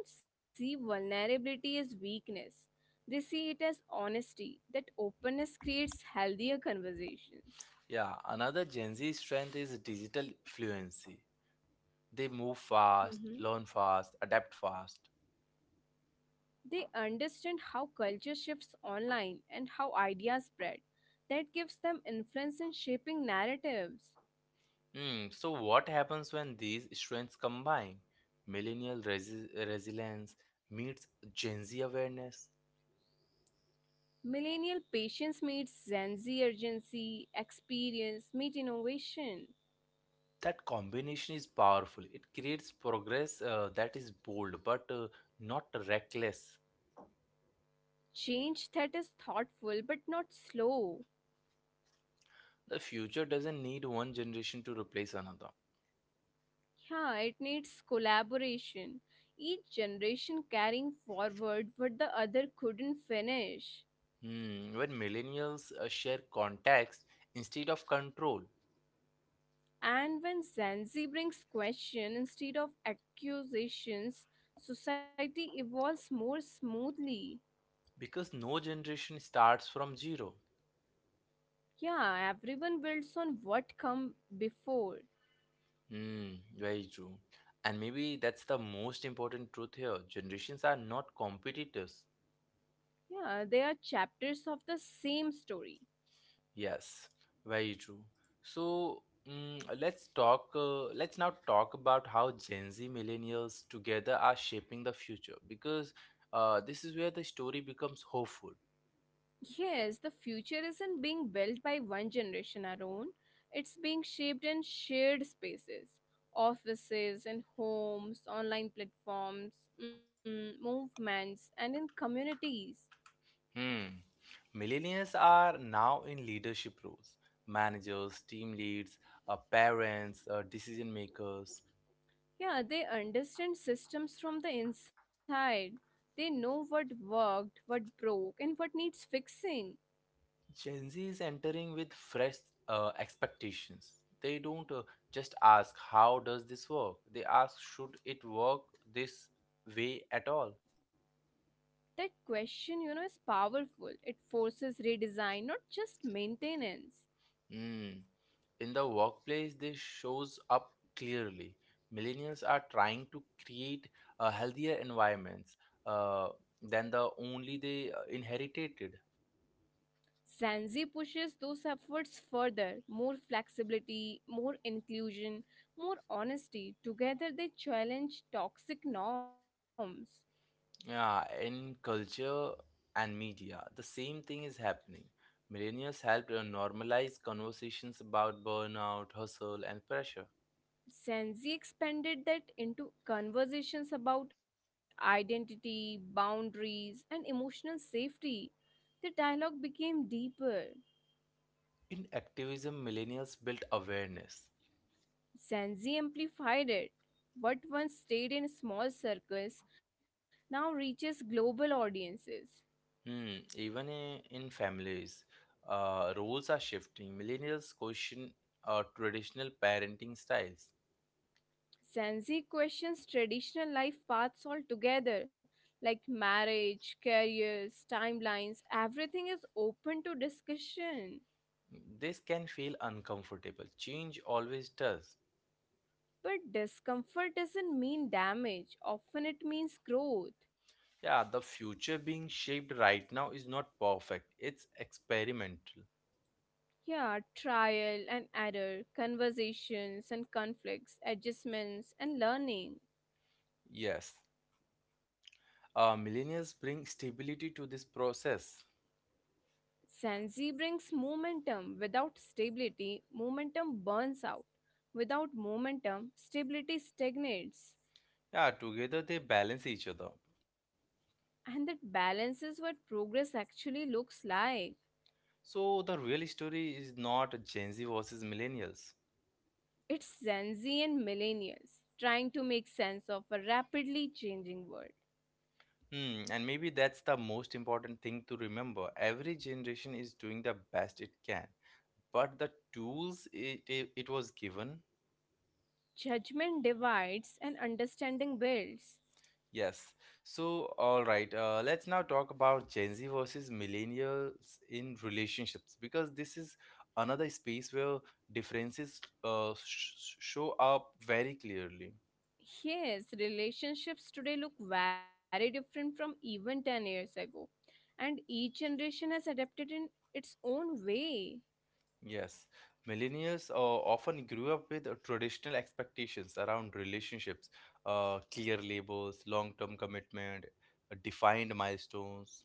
Speaker 2: They don't see vulnerability as weakness, they see it as honesty. That openness creates healthier conversations.
Speaker 1: Yeah, another Gen Z strength is digital fluency. They move fast, learn fast, adapt fast.
Speaker 2: They understand how culture shifts online and how ideas spread. That gives them influence in shaping narratives.
Speaker 1: Hmm, so what happens when these strengths combine? Millennial resilience meets Gen Z awareness.
Speaker 2: Millennial patience meets Gen Z urgency, experience meet innovation.
Speaker 1: That combination is powerful. It creates progress that is bold but not reckless.
Speaker 2: Change that is thoughtful but not slow.
Speaker 1: The future doesn't need one generation to replace another.
Speaker 2: Yeah, it needs collaboration. Each generation carrying forward what the other couldn't finish.
Speaker 1: Hmm, when millennials share context instead of control,
Speaker 2: And when Zanzi brings question instead of accusations, society evolves more smoothly.
Speaker 1: because no generation starts from zero.
Speaker 2: Yeah, everyone builds on what come before.
Speaker 1: Hmm, very true. And maybe that's the most important truth here. Generations are not competitors.
Speaker 2: Yeah, they are chapters of the same story.
Speaker 1: Yes, very true. So, mm, let's talk. Let's now talk about how Gen Z millennials together are shaping the future, because this is where the story becomes hopeful.
Speaker 2: Yes, the future isn't being built by one generation alone. It's being shaped in shared spaces, offices and homes, online platforms, movements, and in communities.
Speaker 1: Hmm. Millennials are now in leadership roles: managers, team leads, parents, decision makers.
Speaker 2: Yeah, they understand systems from the inside. They know what worked, what broke, and what needs fixing.
Speaker 1: Gen Z is entering with fresh expectations. They don't just ask, "How does this work?" They ask, "Should it work this way at all?"
Speaker 2: That question, you know, is powerful. It forces redesign, not just maintenance.
Speaker 1: Hmm. In the workplace, this shows up clearly. Millennials are trying to create healthier environments. Uh, than the only they inherited.
Speaker 2: Sanzi pushes those efforts further more flexibility, more inclusion, more honesty. Together, they challenge toxic norms.
Speaker 1: Yeah, in culture and media, the same thing is happening. Millennials helped normalize conversations about burnout, hustle, and pressure.
Speaker 2: Senzi expanded that into conversations about identity, boundaries, and emotional safety. The dialogue became deeper.
Speaker 1: In activism, millennials built awareness.
Speaker 2: Senzi amplified it. What once stayed in small circles now reaches global audiences.
Speaker 1: Hmm, even in families, roles are shifting. Millennials question traditional parenting styles.
Speaker 2: Senzi questions traditional life paths altogether, like marriage, careers, timelines, everything is open to discussion.
Speaker 1: This can feel uncomfortable. Change always does.
Speaker 2: But discomfort doesn't mean damage, often it means growth.
Speaker 1: Yeah, the future being shaped right now is not perfect, it's experimental.
Speaker 2: Yeah, trial and error, conversations and conflicts, adjustments and learning.
Speaker 1: Yes, millennials bring stability to this process.
Speaker 2: Sanzi brings momentum. Without stability, momentum burns out. Without momentum, stability stagnates.
Speaker 1: Yeah, together they balance each other.
Speaker 2: And that balance is what progress actually looks like.
Speaker 1: So the real story is not Gen Z versus millennials.
Speaker 2: It's Gen Z and millennials trying to make sense of a rapidly changing world.
Speaker 1: Hmm, and maybe that's the most important thing to remember. Every generation is doing the best it can, but the tools it was given.
Speaker 2: Judgment divides and understanding builds.
Speaker 1: Yes. So, all right, let's now talk about Gen Z versus millennials in relationships, because this is another space where differences show up very clearly.
Speaker 2: Yes, relationships today look very different from even 10 years ago, and each generation has adapted in its own way.
Speaker 1: Yes. Millennials often grew up with traditional expectations around relationships, clear labels, long term commitment, defined milestones.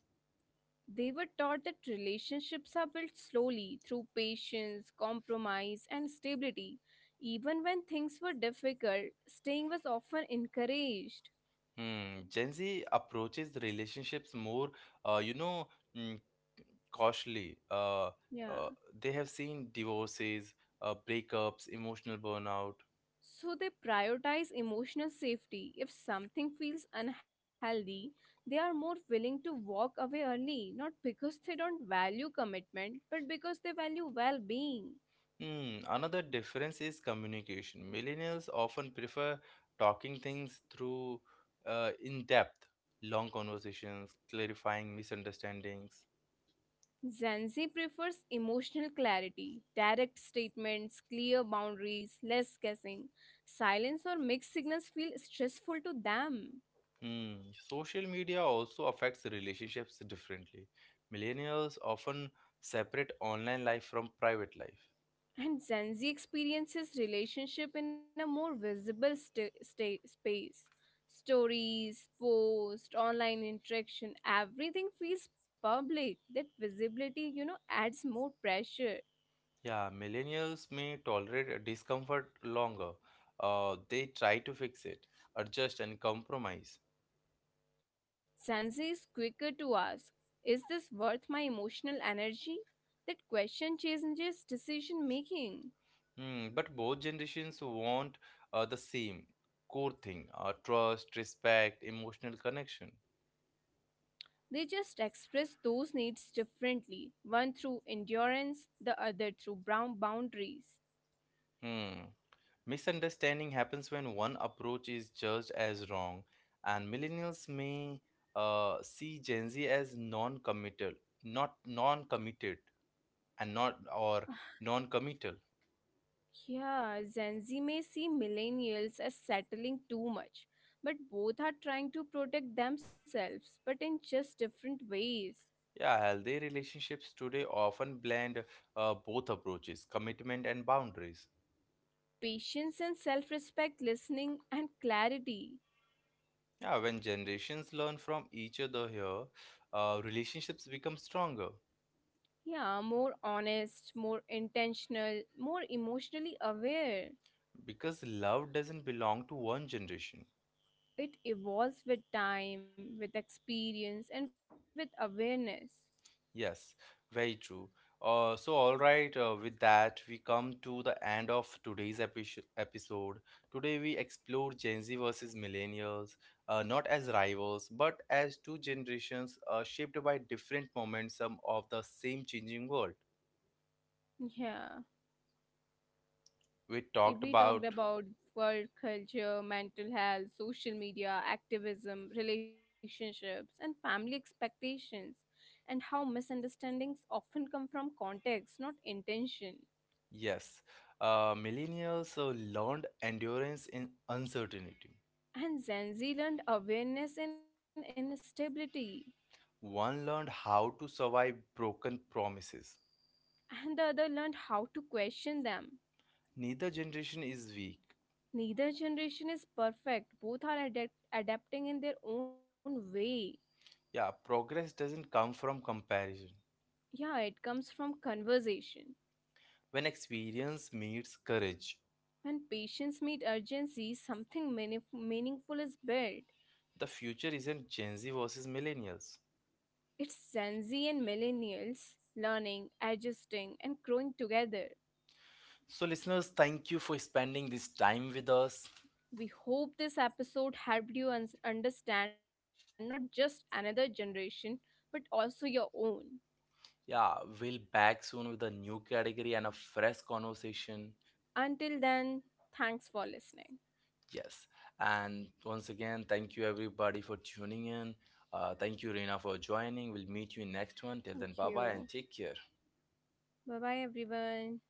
Speaker 2: They were taught that relationships are built slowly through patience, compromise, and stability. Even when things were difficult, staying was often encouraged.
Speaker 1: Hmm. Gen Z approaches relationships more, uh, you know. mm, costly.
Speaker 2: Yeah.
Speaker 1: Uh, they have seen divorces, breakups, emotional burnout.
Speaker 2: So they prioritize emotional safety. If something feels unhealthy, they are more willing to walk away early, not because they don't value commitment, but because they value well being.
Speaker 1: Hmm, another difference is communication. Millennials often prefer talking things through, in depth, long conversations, clarifying misunderstandings.
Speaker 2: Gen Z prefers emotional clarity, direct statements, clear boundaries, less guessing. Silence or mixed signals feel stressful to them.
Speaker 1: Hmm. Social media also affects relationships differently. Millennials often separate online life from private life.
Speaker 2: And Gen Z experiences relationship in a more visible space. Stories, post, online interaction, everything feels public. That visibility, you know, adds more pressure.
Speaker 1: Yeah, millennials may tolerate a discomfort longer. They try to fix it, adjust, and compromise.
Speaker 2: Gen Z is quicker to ask, is this worth my emotional energy? That question changes decision making.
Speaker 1: Hmm, but both generations want the same core thing: trust, respect, emotional connection.
Speaker 2: They just express those needs differently, one through endurance, the other through brown boundaries.
Speaker 1: Hmm. Misunderstanding happens when one approach is judged as wrong, and millennials may see Gen Z as non committal, not non committed, and not or non committal.
Speaker 2: Yeah, Gen Z may see millennials as settling too much, but both are trying to protect themselves, but in just different ways.
Speaker 1: Yeah, healthy relationships today often blend both approaches, commitment and boundaries.
Speaker 2: Patience and self respect, listening and clarity.
Speaker 1: Yeah, when generations learn from each other here, relationships become stronger,
Speaker 2: Yeah, more honest, more intentional, more emotionally aware.
Speaker 1: because love doesn't belong to one generation.
Speaker 2: It evolves with time, with experience, and with awareness.
Speaker 1: Yes, very true. So, all right, with that, we come to the end of today's episode. Today, we explore Gen Z versus millennials, not as rivals, but as two generations shaped by different momentum of the same changing world.
Speaker 2: Yeah.
Speaker 1: We
Speaker 2: If
Speaker 1: talked
Speaker 2: we
Speaker 1: about,
Speaker 2: talked about work culture, mental health, social media, activism, relationships, and family expectations, and how misunderstandings often come from context, not intention.
Speaker 1: yes, millennials learned endurance in uncertainty.
Speaker 2: And Gen Z learned awareness and instability,
Speaker 1: One learned how to survive broken promises.
Speaker 2: and the other learned how to question them.
Speaker 1: Neither generation is weak.
Speaker 2: Neither generation is perfect, both are adapting in their own way.
Speaker 1: Yeah, progress doesn't come from comparison.
Speaker 2: Yeah, it comes from conversation.
Speaker 1: When experience meets courage,
Speaker 2: When patients meet urgency, something meaningful is built.
Speaker 1: the future isn't Gen Z versus millennials.
Speaker 2: It's Gen Z and millennials learning, adjusting, and growing together.
Speaker 1: So, listeners, thank you for spending this time with us.
Speaker 2: We hope this episode helped you understand not just another generation, but also your own.
Speaker 1: Yeah, we'll back soon with a new category and a fresh conversation.
Speaker 2: Until then, thanks for listening.
Speaker 1: Yes. And once again, thank you everybody for tuning in. Thank you, Reena, for joining. We'll meet you in next one. Till then,
Speaker 2: Thank
Speaker 1: bye bye and
Speaker 2: you.
Speaker 1: take care.
Speaker 2: Bye bye, everyone.